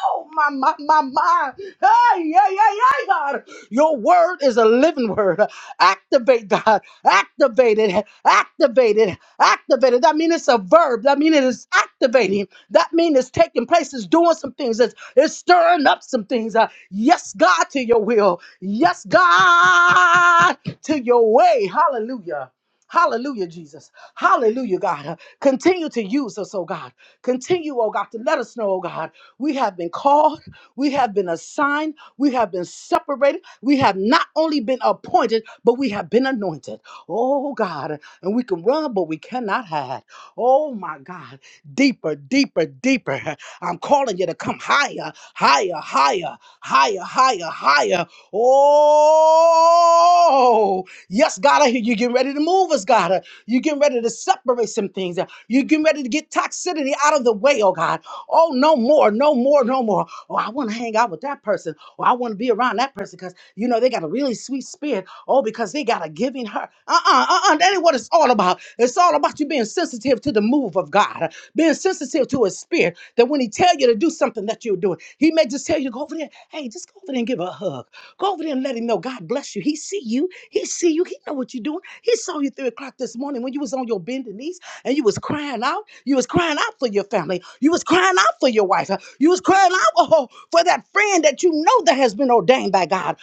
Speaker 6: Oh, my, my, my, my. Hey, yeah, yeah, yeah, God. Your word is a living word. Activate, God. Activate it. Activate it. Activate it. That means it's a verb. That means it is activating. That means it's taking place. It's doing some things. It's, it's stirring up some things. Uh, yes, God, to your will. Yes, God, to your way. Hallelujah. Hallelujah, Jesus. Hallelujah, God. Uh, Continue to use us, oh God. Continue, oh God, to let us know, oh God. We have been called, we have been assigned, we have been separated, we have not only been appointed, but we have been anointed. Oh God, and we can run, but we cannot hide. Oh my God, deeper, deeper, deeper. I'm calling you to come higher, higher, higher, higher, higher, higher. Oh, yes, God, I hear you getting ready to move us, God. You're getting ready to separate some things. You're getting ready to get toxicity out of the way, oh God. Oh, no more, no more, no more. Oh, I want to hang out with that person. Or I want to be around that person because, you know, they got a really sweet spirit. Oh, because they got a giving heart. Uh uh-uh, uh, uh. That ain't what it's all about. It's all about you being sensitive to the move of God, being sensitive to His spirit. That when He tell you to do something that you're doing, He may just tell you, go over there. Hey, just go over there and give her a hug. Go over there and let Him know God bless you. He see you. He see you. He know what you're doing. He saw you three o'clock this morning when you was on your bended knees and you was crying out. You was crying out for your family. You was crying out for your wife. You was crying out oh, for that friend that you know that has been ordained by God.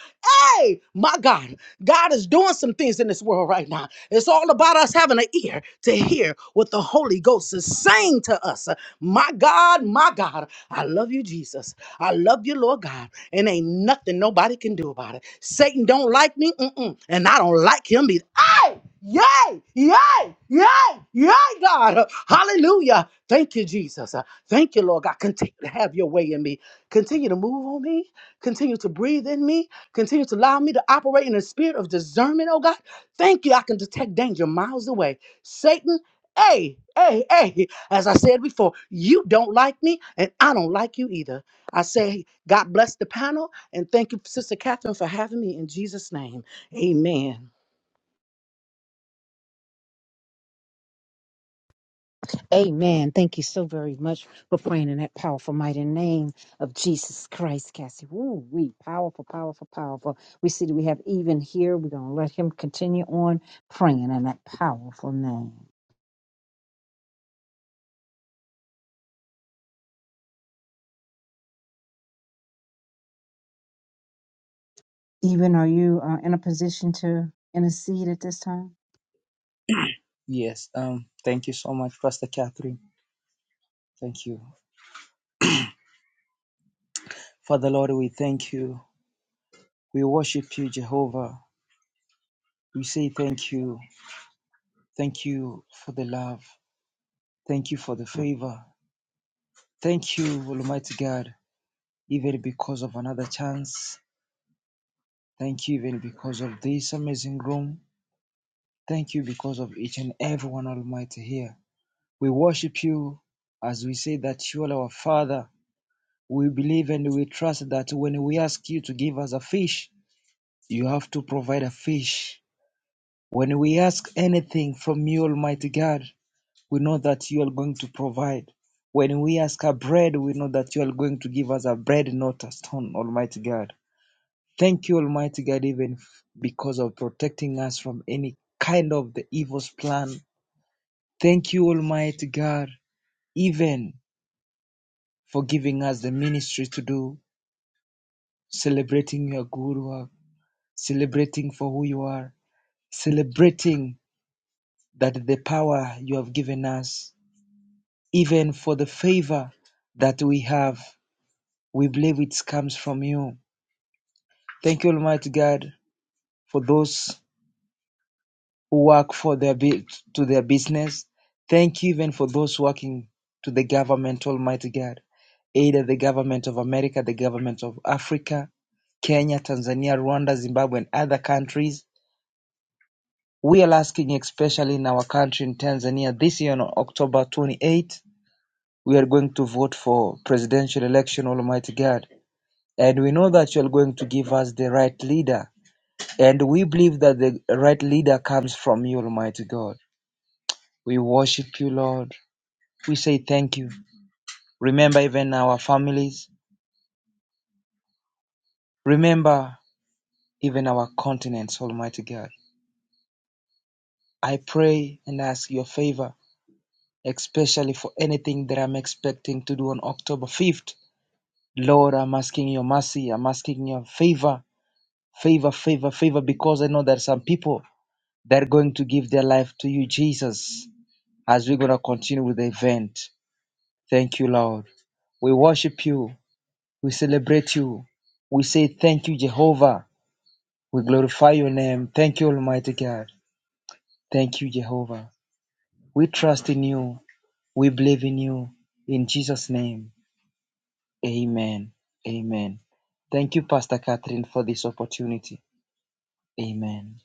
Speaker 6: Hey, my God, God is doing some things in this world right now. It's all about us having an ear to to hear what the Holy Ghost is saying to us. My God, my God, I love you, Jesus. I love you, Lord God. And ain't nothing nobody can do about it. Satan don't like me, mm-mm, and I don't like him either. Ay! Yay! Yay! Yay! Yay, God! Hallelujah! Thank you, Jesus. Thank you, Lord God. Continue to have your way in me. Continue to move on me. Continue to breathe in me. Continue to allow me to operate in a spirit of discernment, oh God. Thank you. I can detect danger miles away. Satan, hey, hey, hey, as I said before, you don't like me and I don't like you either. I say, God bless the panel and thank you, Sister Catherine, for having me in Jesus' name. Amen.
Speaker 2: Amen. Thank you so very much for praying in that powerful, mighty name of Jesus Christ, Cassie. Ooh, we powerful, powerful, powerful. We see that we have even here. We're gonna let him continue on praying in that powerful name. Even, are you uh, in a position to intercede at this time?
Speaker 7: Yes, um, thank you so much, Pastor Catherine. Thank you. Father Lord, we thank you. We worship you, Jehovah. We say thank you. Thank you for the love. Thank you for the favor. Thank you, Almighty God, even because of another chance. Thank you, even because of this amazing room. Thank you because of each and everyone, Almighty, here. We worship you as we say that you are our Father. We believe and we trust that when we ask you to give us a fish, You have to provide a fish. When we ask anything from you, Almighty God, we know that you are going to provide. When we ask a bread, we know that you are going to give us a bread, not a stone, Almighty God. Thank you, Almighty God, even f- because of protecting us from any kind of the evil's plan. Thank you, Almighty God, even for giving us the ministry to do, celebrating your good work, celebrating for who you are, celebrating that the power you have given us, even for the favor that we have, we believe it comes from you. Thank you, Almighty God, for those who work for their to their business. Thank you even for those working to the government, Almighty God, either the government of America, the government of Africa, Kenya, Tanzania, Rwanda, Zimbabwe, and other countries. We are asking, especially in our country in Tanzania, this year on October 28th we are going to vote for presidential election, Almighty God. And we know that you are going to give us the right leader. And we believe that the right leader comes from you, Almighty God. We worship you, Lord. We say thank you. Remember even our families. Remember even our continents, Almighty God. I pray and ask your favor, especially for anything that I'm expecting to do on October 5th. Lord, I'm asking your mercy. I'm asking your favor Favor, favor, favor, because I know there are some people that are going to give their life to you, Jesus, as we're going to continue with the event. Thank you, Lord. We worship you. We celebrate you. We say thank you, Jehovah. We glorify your name. Thank you, Almighty God. Thank you, Jehovah. We trust in you. We believe in you. In Jesus' name, amen. Amen. Thank you, Pastor Catherine, for this opportunity. Amen.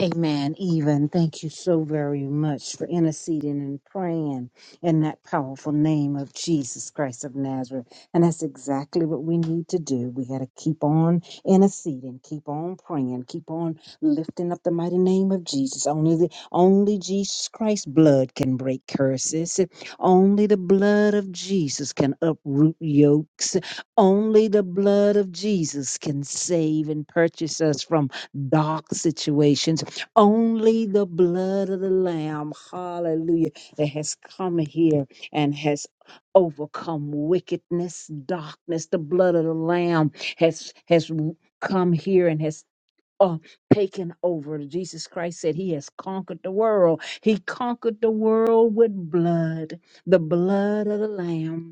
Speaker 2: Amen. Even thank you so very much for interceding and praying in that powerful name of Jesus Christ of Nazareth. And that's exactly what we need to do. We got to keep on interceding, keep on praying, keep on lifting up the mighty name of Jesus. Only the only Jesus Christ's blood can break curses. Only the blood of Jesus can uproot yokes. Only the blood of Jesus can save and purchase us from dark situations only the blood of the Lamb, hallelujah, that has come here and has overcome wickedness, darkness. The blood of the Lamb has has come here and has uh, taken over. Jesus Christ said he has conquered the world. He conquered the world with blood, the blood of the Lamb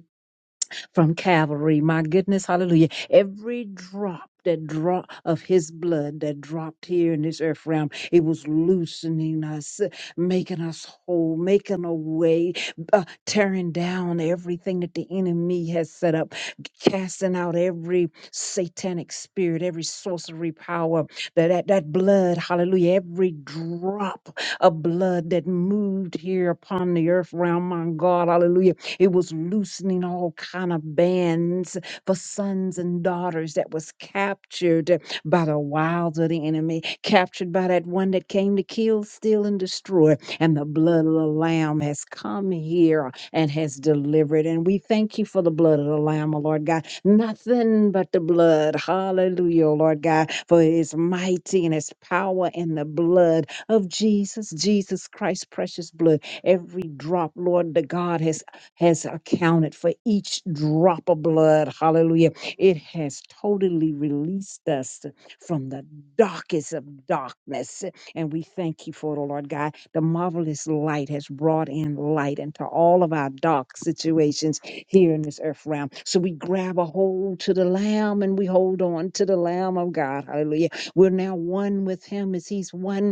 Speaker 2: from Calvary. My goodness, hallelujah. Every drop. That drop of his blood that dropped here in this earth realm, it was loosening us, making us whole, making a way, uh, tearing down everything that the enemy has set up, casting out every satanic spirit, every sorcery power, that, that, that blood, hallelujah, every drop of blood that moved here upon the earth realm, my God, hallelujah it was loosening all kind of bands for sons and daughters that was captured by the wiles of the enemy, captured by that one that came to kill, steal, and destroy. And the blood of the Lamb has come here and has delivered. And we thank you for the blood of the Lamb, O Lord God. Nothing but the blood. Hallelujah, O Lord God, for it is mighty and its power in the blood of Jesus, Jesus Christ, precious blood. Every drop, Lord, the God, has has accounted for each drop of blood. Hallelujah. It has totally released us from the darkest of darkness. And we thank you for it, oh Lord God. The marvelous light has brought in light into all of our dark situations here in this earth realm. So we grab a hold to the Lamb and we hold on to the Lamb of God. Hallelujah. We're now one with Him as He's one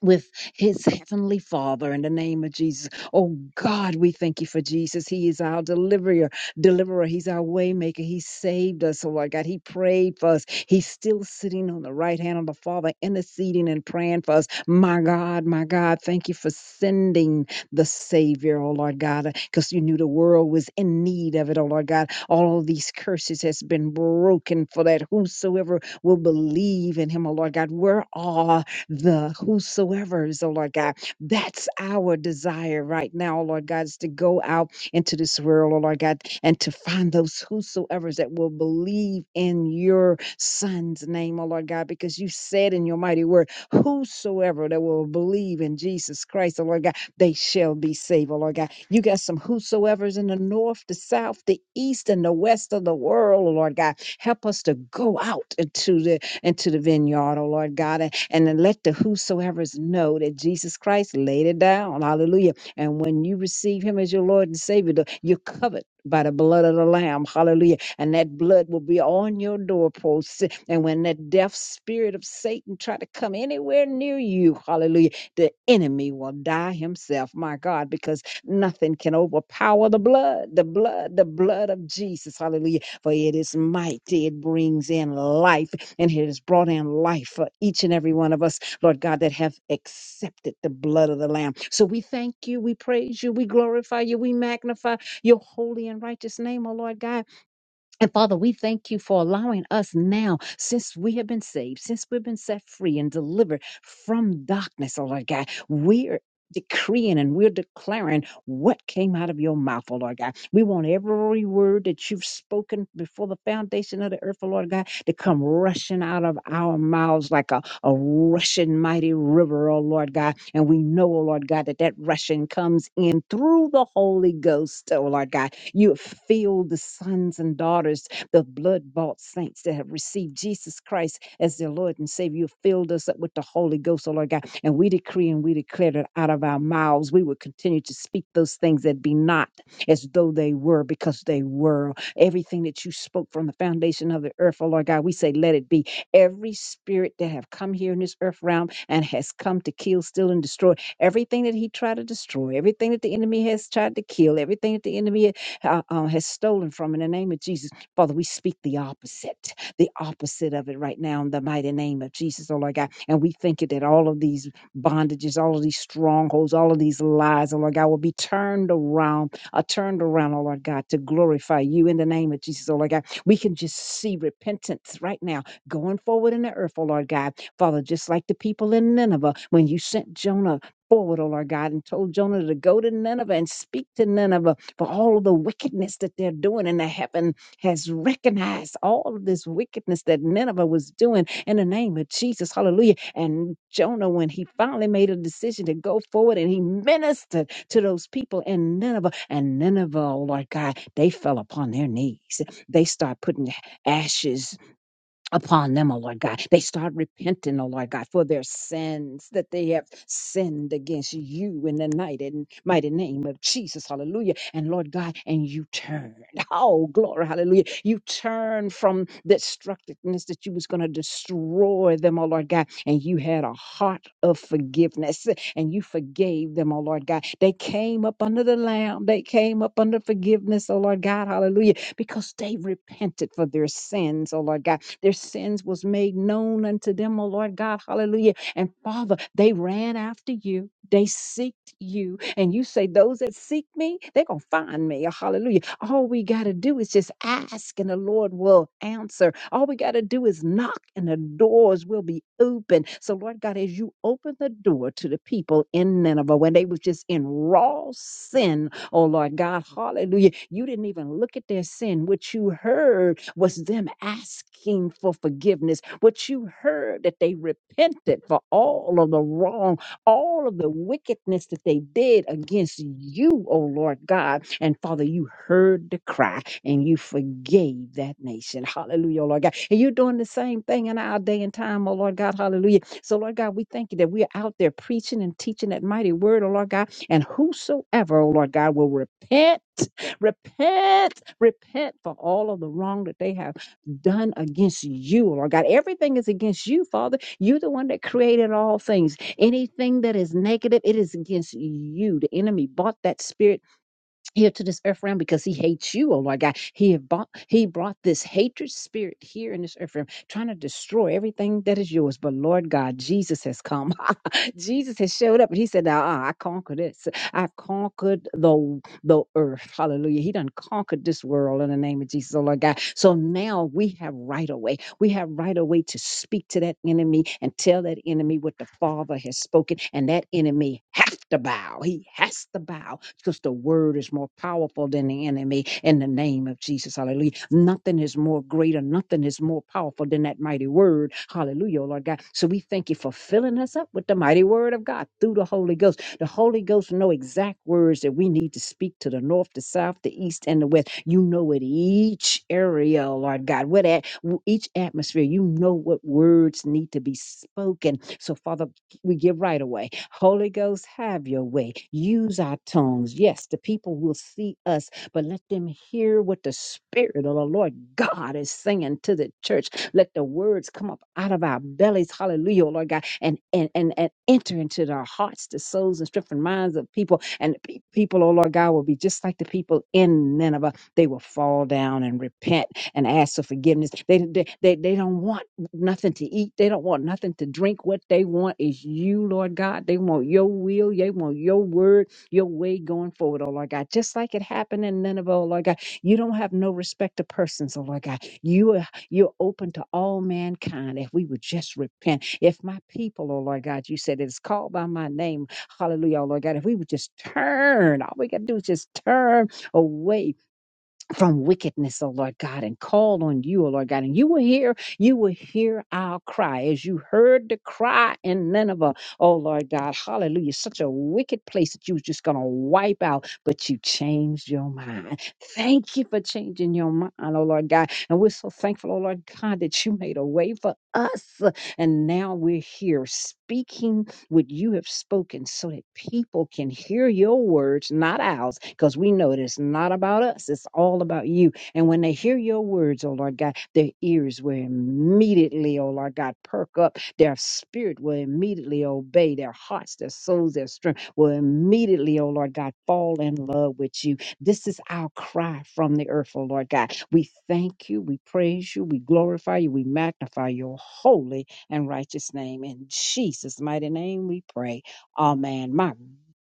Speaker 2: with his heavenly father in the name of Jesus. Oh God, we thank you for Jesus. He is our deliverer, deliverer. He's our waymaker. He saved us. Oh Lord God, he prayed for us. He's still sitting on the right hand of the Father, interceding and praying for us. My God, my God, thank you for sending the Savior, oh Lord God, because you knew the world was in need of it, oh Lord God. All of these curses has been broken for that whosoever will believe in him, oh Lord God. Where are the whosoever's, oh Lord God. That's our desire right now, oh Lord God, is to go out into this world, oh Lord God, and to find those whosoever's that will believe in your son's name, oh Lord God, because you said in your mighty word, whosoever that will believe in Jesus Christ, oh Lord God, they shall be saved, oh Lord God. You got some whosoever's in the north, the south, the east, and the west of the world, oh Lord God. Help us to go out into the into the vineyard, oh Lord God, and, and let the whosoever's know that Jesus Christ laid it down. Hallelujah. And when you receive him as your Lord and Savior, the- you're covered by the blood of the Lamb. Hallelujah. And that blood will be on your doorposts. And when that deaf spirit of Satan try to come anywhere near you, hallelujah, the enemy will die himself, my God, because nothing can overpower the blood, the blood, the blood of Jesus. Hallelujah. For it is mighty. It brings in life and it has brought in life for each and every one of us, Lord God, that have accepted the blood of the Lamb. So we thank you, we praise you, we glorify you, we magnify your holy and righteous name, O Lord God. And Father, we thank you for allowing us now, since we have been saved, since we've been set free and delivered from darkness, oh Lord God, we're decreeing and we're declaring what came out of your mouth, oh Lord God. We want every word that you've spoken before the foundation of the earth, oh Lord God, to come rushing out of our mouths like a, a rushing mighty river, oh Lord God. And we know, oh Lord God, that that rushing comes in through the Holy Ghost, oh Lord God. You have filled the sons and daughters, the blood bought saints that have received Jesus Christ as their Lord and Savior. You have filled us up with the Holy Ghost, O Lord God. And we decree and we declare that out of our mouths, we will continue to speak those things that be not as though they were, because they were. Everything that you spoke from the foundation of the earth, O Lord God, we say, let it be. Every spirit that have come here in this earth realm and has come to kill, steal, and destroy everything that he tried to destroy, everything that the enemy has tried to kill, everything that the enemy uh, uh, has stolen from. In the name of Jesus, Father, we speak the opposite, the opposite of it right now in the mighty name of Jesus, oh Lord God. And we think it that all of these bondages, all of these strongholds, all of these lies, oh Lord God, will be turned around, uh, turned around, oh Lord God, to glorify you in the name of Jesus, oh Lord God. We can just see repentance right now going forward in the earth, oh Lord God. Father, just like the people in Nineveh, when you sent Jonah forward, O Lord God, and told Jonah to go to Nineveh and speak to Nineveh for all of the wickedness that they're doing. And the heaven has recognized all of this wickedness that Nineveh was doing in the name of Jesus. Hallelujah. And Jonah, when he finally made a decision to go forward and he ministered to those people in Nineveh, and Nineveh, oh Lord God, they fell upon their knees. They start putting ashes upon them, O Lord God. They start repenting, O Lord God, for their sins that they have sinned against you in the night and mighty name of Jesus. Hallelujah. And Lord God, and you turn. Oh, glory, hallelujah. You turn from the destructiveness that you was going to destroy toward them, oh Lord God, and you had a heart of forgiveness and you forgave them, oh Lord God. They came up under the Lamb, they came up under forgiveness, oh Lord God, hallelujah, because they repented for their sins, oh Lord God. Their sins was made known unto them, oh Lord God, hallelujah and Father, they ran after you. They seeked you. And you say, Those that seek me, they're going to find me. Hallelujah. All we got to do is just ask, and the Lord will answer. All we got to do is knock, and the doors will be open. So, Lord God, as you open the door to the people in Nineveh when they was just in raw sin Oh Lord God, hallelujah. You didn't even look at their sin. What you heard was them asking for forgiveness. What you heard that they repented for all of the wrong, all of the wickedness that they did against you, oh Lord God. And Father, you heard the cry and you forgave that nation. Hallelujah, oh Lord God. And you're doing the same thing in our day and time, oh Lord God. Hallelujah. So, Lord God, we thank you that we're out there preaching and teaching that mighty word, oh Lord God and whosoever, oh Lord God, will repent, repent, repent for all of the wrong that they have done against you, oh Lord God. Everything is against you, Father. You're the one that created all things. Anything that is negative, it is against you. The enemy bought that spirit here to this earth realm because he hates you, oh Lord God. He have bought, he brought this hatred spirit here in this earth realm, trying to destroy everything that is yours. But Lord God, Jesus has come. Jesus has showed up, and He said, "Now I conquered this. I've conquered the the earth. Hallelujah. He done conquered this world in the name of Jesus, oh Lord God. So now we have right away. We have right away to speak to that enemy and tell that enemy what the Father has spoken, and that enemy have to bow. He has to bow because the word is more powerful than the enemy in the name of Jesus. Hallelujah. Nothing is more greater, nothing is more powerful than that mighty word. Hallelujah you, Lord God. So we thank you for filling us up with the mighty word of God through the Holy Ghost. The Holy Ghost know exact words that we need to speak to the north, the south, the east, and the west. You know it each area, Lord God, what at each atmosphere. You know what words need to be spoken. So, Father, we give right away. Holy Ghost, have your way. Use our tongues. Yes, the people will see us but let them hear what the Spirit of the Lord God is saying to the church. Let the words come up out of our bellies, hallelujah, oh Lord God, and and and, and enter into their hearts, the souls, and strength and minds of people. And the pe- people, oh Lord God, will be just like the people in Nineveh. They will fall down and repent and ask for forgiveness. They they they, they don't want nothing to eat. They don't want nothing to drink. What they want is you, Lord God. They want your will. They want your word your way going forward, oh Lord God. Just like it happened in Nineveh, oh Lord God, you don't have no respect of persons, oh Lord God. You are you're open to all mankind if we would just repent. If my people, oh Lord God, you said it's called by my name, hallelujah, oh Lord God, if we would just turn, all we gotta do is just turn away from wickedness, O Lord God, and called on you, O Lord God. And you will hear, you will hear our cry as you heard the cry in Nineveh, O Lord God. Hallelujah. Such a wicked place that you was just going to wipe out, but you changed your mind. Thank you for changing your mind, O Lord God. And we're so thankful, O Lord God, that you made a way for us. And now we're here speaking what you have spoken so that people can hear your words, not ours, because we know it is not about us. It's all about you. And when they hear your words, oh Lord God, their ears will immediately, oh Lord God, perk up. Their spirit will immediately obey. Their hearts, their souls, their strength will immediately, oh Lord God, fall in love with you. This is our cry from the earth, oh Lord God. We thank you. We praise you. We glorify you. We magnify your holy and righteous name. In Jesus' mighty name we pray. Amen. My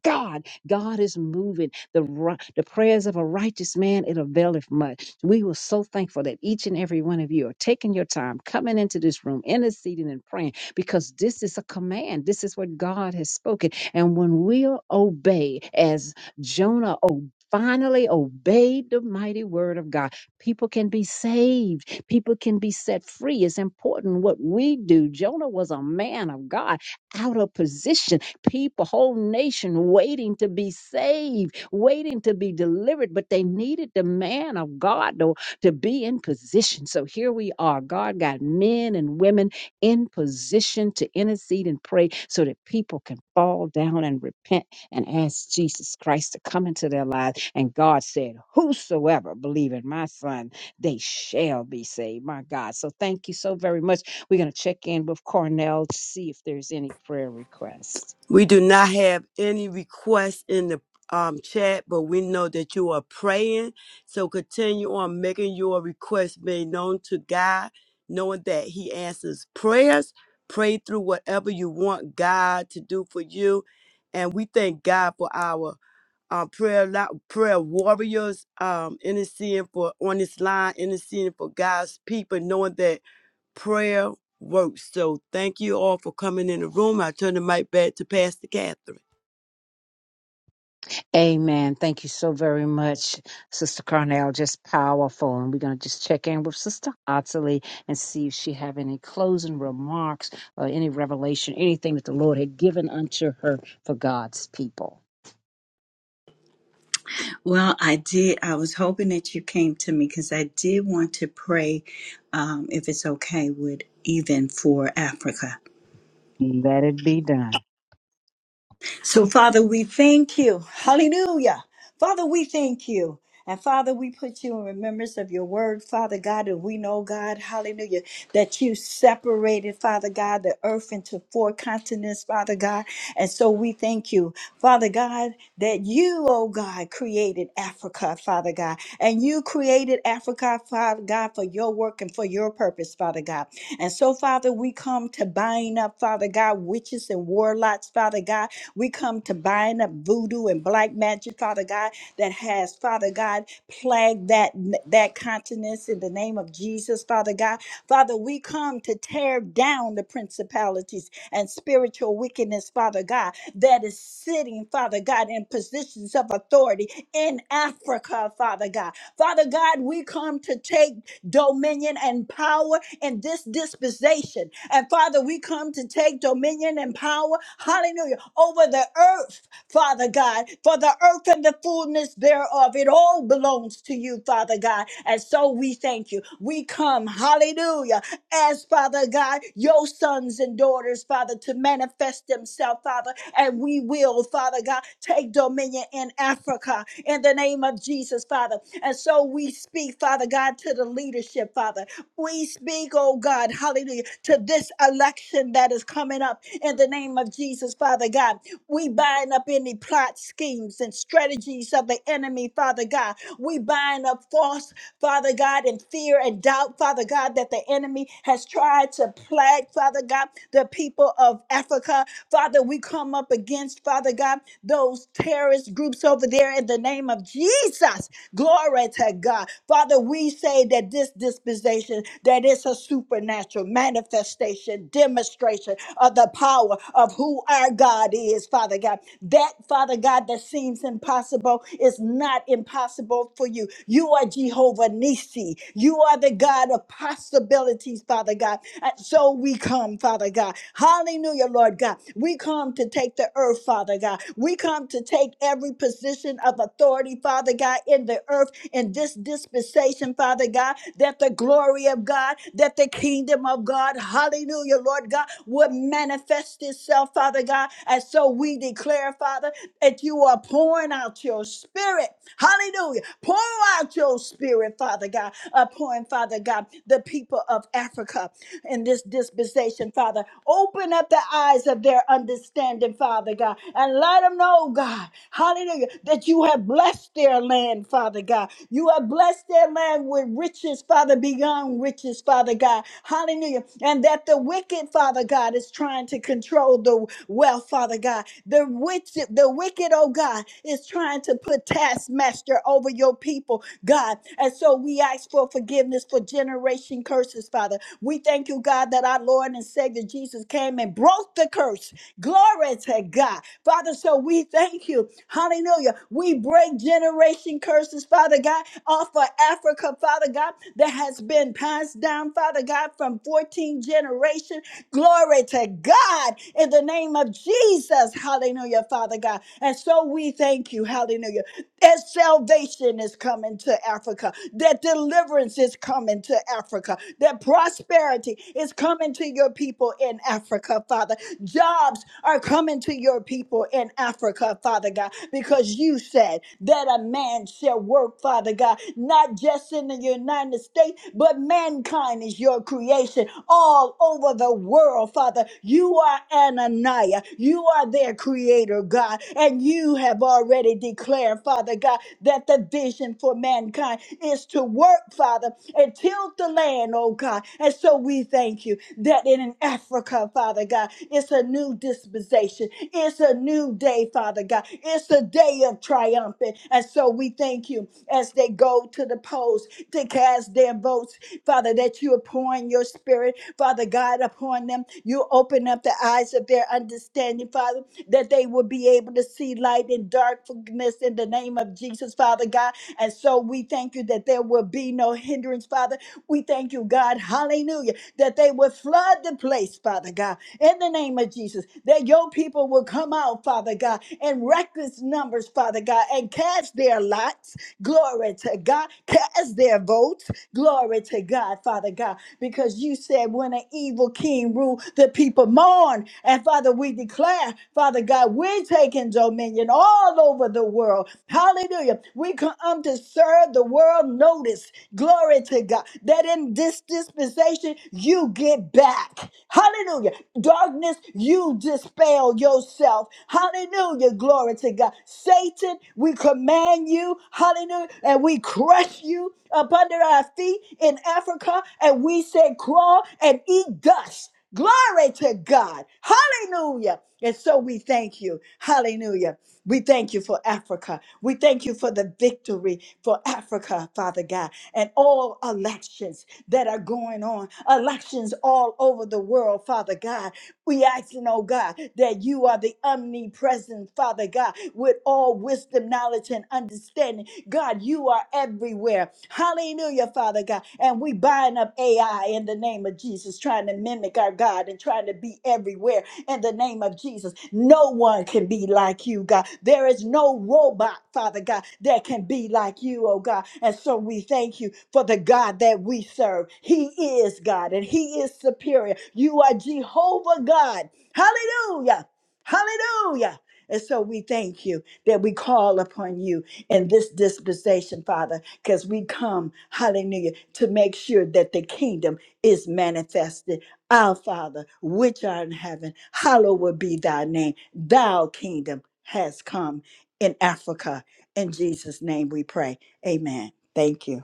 Speaker 2: God, God is moving. The, ri- the prayers of a righteous man, it availeth much. We were so thankful that each and every one of you are taking your time, coming into this room, interceding and praying, because this is a command. This is what God has spoken. And when we obey, as Jonah obeyed, finally obeyed the mighty word of God, People can be saved. People can be set free. It's important what we do. Jonah was a man of God, out of position. People, whole nation waiting to be saved, waiting to be delivered, but they needed the man of God to, to be in position. So here we are. God got men and women in position to intercede and pray so that people can fall down and repent and asked Jesus Christ to come into their lives. And God said, Whosoever believe in my son, they shall be saved. My God. So thank you so very much. We're going to check in with Cornell to see if there's any prayer requests.
Speaker 3: We do not have any requests in the um, chat, but we know that you are praying. So continue on making your request made known to God, knowing that He answers prayers. Pray through whatever you want God to do for you. And we thank God for our um, prayer lo- prayer warriors um, interceding for on this line, interceding for God's people, knowing that prayer works. So thank you all for coming in the room. I turn the mic back to Pastor Catherine.
Speaker 2: Amen. Thank you so very much, Sister Cornell. Just powerful. And we're going to just check in with Sister Ottilie and see if she have any closing remarks or any revelation, anything that the Lord had given unto her for God's people.
Speaker 5: Well, I did. I was hoping that you came to me because I did want to pray, um, if it's okay, with even for Africa.
Speaker 2: Let it be done.
Speaker 5: So, Father, we thank you. Hallelujah. Father, we thank you. And Father, we put you in remembrance of your word, Father God, and we know, God, hallelujah, that you separated, Father God, the earth into four continents, Father God. And so we thank you, Father God, that you, oh God, created Africa, Father God. And you created Africa, Father God, for your work and for your purpose, Father God. And so, Father, Father, we come to bind up, Father God, witches and warlocks, Father God. We come to bind up voodoo and black magic, Father God, that has, Father God, plagued that that continent in the name of Jesus, Father God. Father, we come to tear down the principalities and spiritual wickedness, Father God, that is sitting, Father God, in positions of authority in Africa, Father God. Father God, we come to take dominion and power in this dispensation. And Father, we come to take dominion and power, hallelujah, over the earth, Father God, for the earth and the fullness thereof. It all belongs to you, Father God. And so we thank you. We come, hallelujah, as Father God, your sons and daughters, Father, to manifest themselves, Father, and we will, Father God, take dominion in Africa in the name of Jesus, Father. And so we speak, Father God, to the leadership, Father. We speak, oh God, hallelujah, to this election that is coming up in the name of Jesus, Father God. We bind up any plot schemes and strategies of the enemy, Father God. We bind up false Father God, and fear and doubt, Father God, that the enemy has tried to plague, Father God, the people of Africa. Father, we come up against, Father God, those terrorist groups over there in the name of Jesus. Glory to God. Father, we say that this dispensation, that it's a supernatural manifestation, demonstration of the power of who our God is, Father God. That, Father God, that seems impossible is not impossible for you. You you are Jehovah Nissi. You are the God of possibilities, Father God. And so we come, Father God. Hallelujah, Lord God. We come to take the earth, Father God. We come to take every position of authority, Father God, in the earth, in this dispensation, Father God, that the glory of God, that the kingdom of God, hallelujah, Lord God, would manifest itself, Father God. And so we declare, Father, that you are pouring out your spirit, hallelujah, Pour out your spirit, Father God, upon, Father God, the people of Africa in this dispensation, Father. Open up the eyes of their understanding, Father God, and let them know, God, hallelujah, that you have blessed their land, Father God. You have blessed their land with riches, Father, beyond riches, Father God. Hallelujah. And that the wicked, Father God, is trying to control the wealth, Father God. The wicked, the wicked, oh God, is trying to put taskmasters pastor over your people, God. And so we ask for forgiveness for generation curses, Father. We thank you, God, that our Lord and Savior Jesus came and broke the curse. Glory to God. Father, so we thank you. Hallelujah. We break generation curses, Father God, off of Africa, Father God, that has been passed down, Father God, from 14 generation. Glory to God in the name of Jesus. Hallelujah, Father God. And so we thank you. Hallelujah that salvation is coming to Africa, that deliverance is coming to Africa, that prosperity is coming to your people in Africa, Father. Jobs are coming to your people in Africa, Father God, because you said that a man shall work, Father God, not just in the United States, but mankind is your creation all over the world, Father. You are Ananiah, you are their creator, God, and you have already declared, Father God, that the vision for mankind is to work, Father, and tilt the land, oh God. And so we thank you that in Africa, Father God, it's a new dispensation. It's a new day, Father God. It's a day of triumphant. And so we thank you as they go to the polls to cast their votes, Father, that you are pouring your spirit, Father God, upon them. You open up the eyes of their understanding, Father, that they will be able able to see light in darkness in the name of Jesus, Father God. And so we thank you that there will be no hindrance, Father. We thank you, God, hallelujah, that they will flood the place, Father God, in the name of Jesus, that your people will come out, Father God, in reckless numbers, Father God, and cast their lots, glory to God, cast their votes, glory to God, Father God, because you said when an evil king ruled, the people mourn. And Father, we declare Father God, we're taking dominion all over the world. Hallelujah. We come to serve the world notice. Glory to God. That in this dispensation, you get back. Hallelujah. Darkness, you dispel yourself. Hallelujah. Glory to God. Satan, we command you. Hallelujah. And we crush you up under our feet in Africa. And we say, crawl and eat dust. Glory to God. Hallelujah. And so we thank you. Hallelujah. We thank you for Africa. We thank you for the victory for Africa, Father God, and all elections that are going on, elections all over the world, Father God. We asking, oh God, that you are the omnipresent, Father God, with all wisdom, knowledge, and understanding. God, you are everywhere. Hallelujah, Father God. And we bind up AI in the name of Jesus, trying to mimic our God and trying to be everywhere in the name of Jesus. No one can be like you, God. There is no robot, Father God, that can be like you, oh God. And so we thank you for the God that we serve. He is God and He is superior. You are Jehovah God. Hallelujah. Hallelujah. And so we thank you that we call upon you in this dispensation, Father, because we come, hallelujah, to make sure that the kingdom is manifested our Father, which art in heaven, hallowed be thy name. Thou kingdom has come in Africa. In Jesus' name we pray. Amen. Thank you.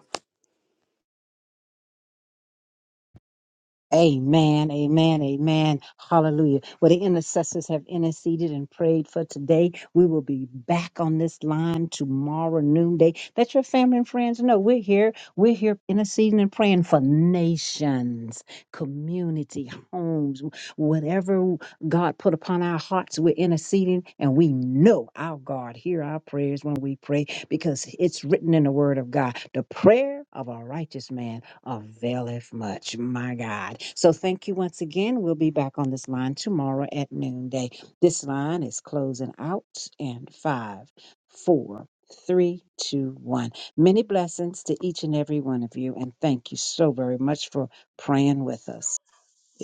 Speaker 2: Amen, amen, amen. Hallelujah. Well, the intercessors have interceded and prayed for today. We will be back on this line tomorrow noonday. Let your family and friends know we're here. We're here interceding and praying for nations, community, homes, whatever God put upon our hearts, we're interceding and we know our God hear our prayers when we pray because it's written in the word of God. The prayer of a righteous man availeth much. My God. So thank you once again. We'll be back on this line tomorrow at noonday. This line is closing out in five, four, three, two, one. Many blessings to each and every one of you. And thank you so very much for praying with us.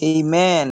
Speaker 7: Amen.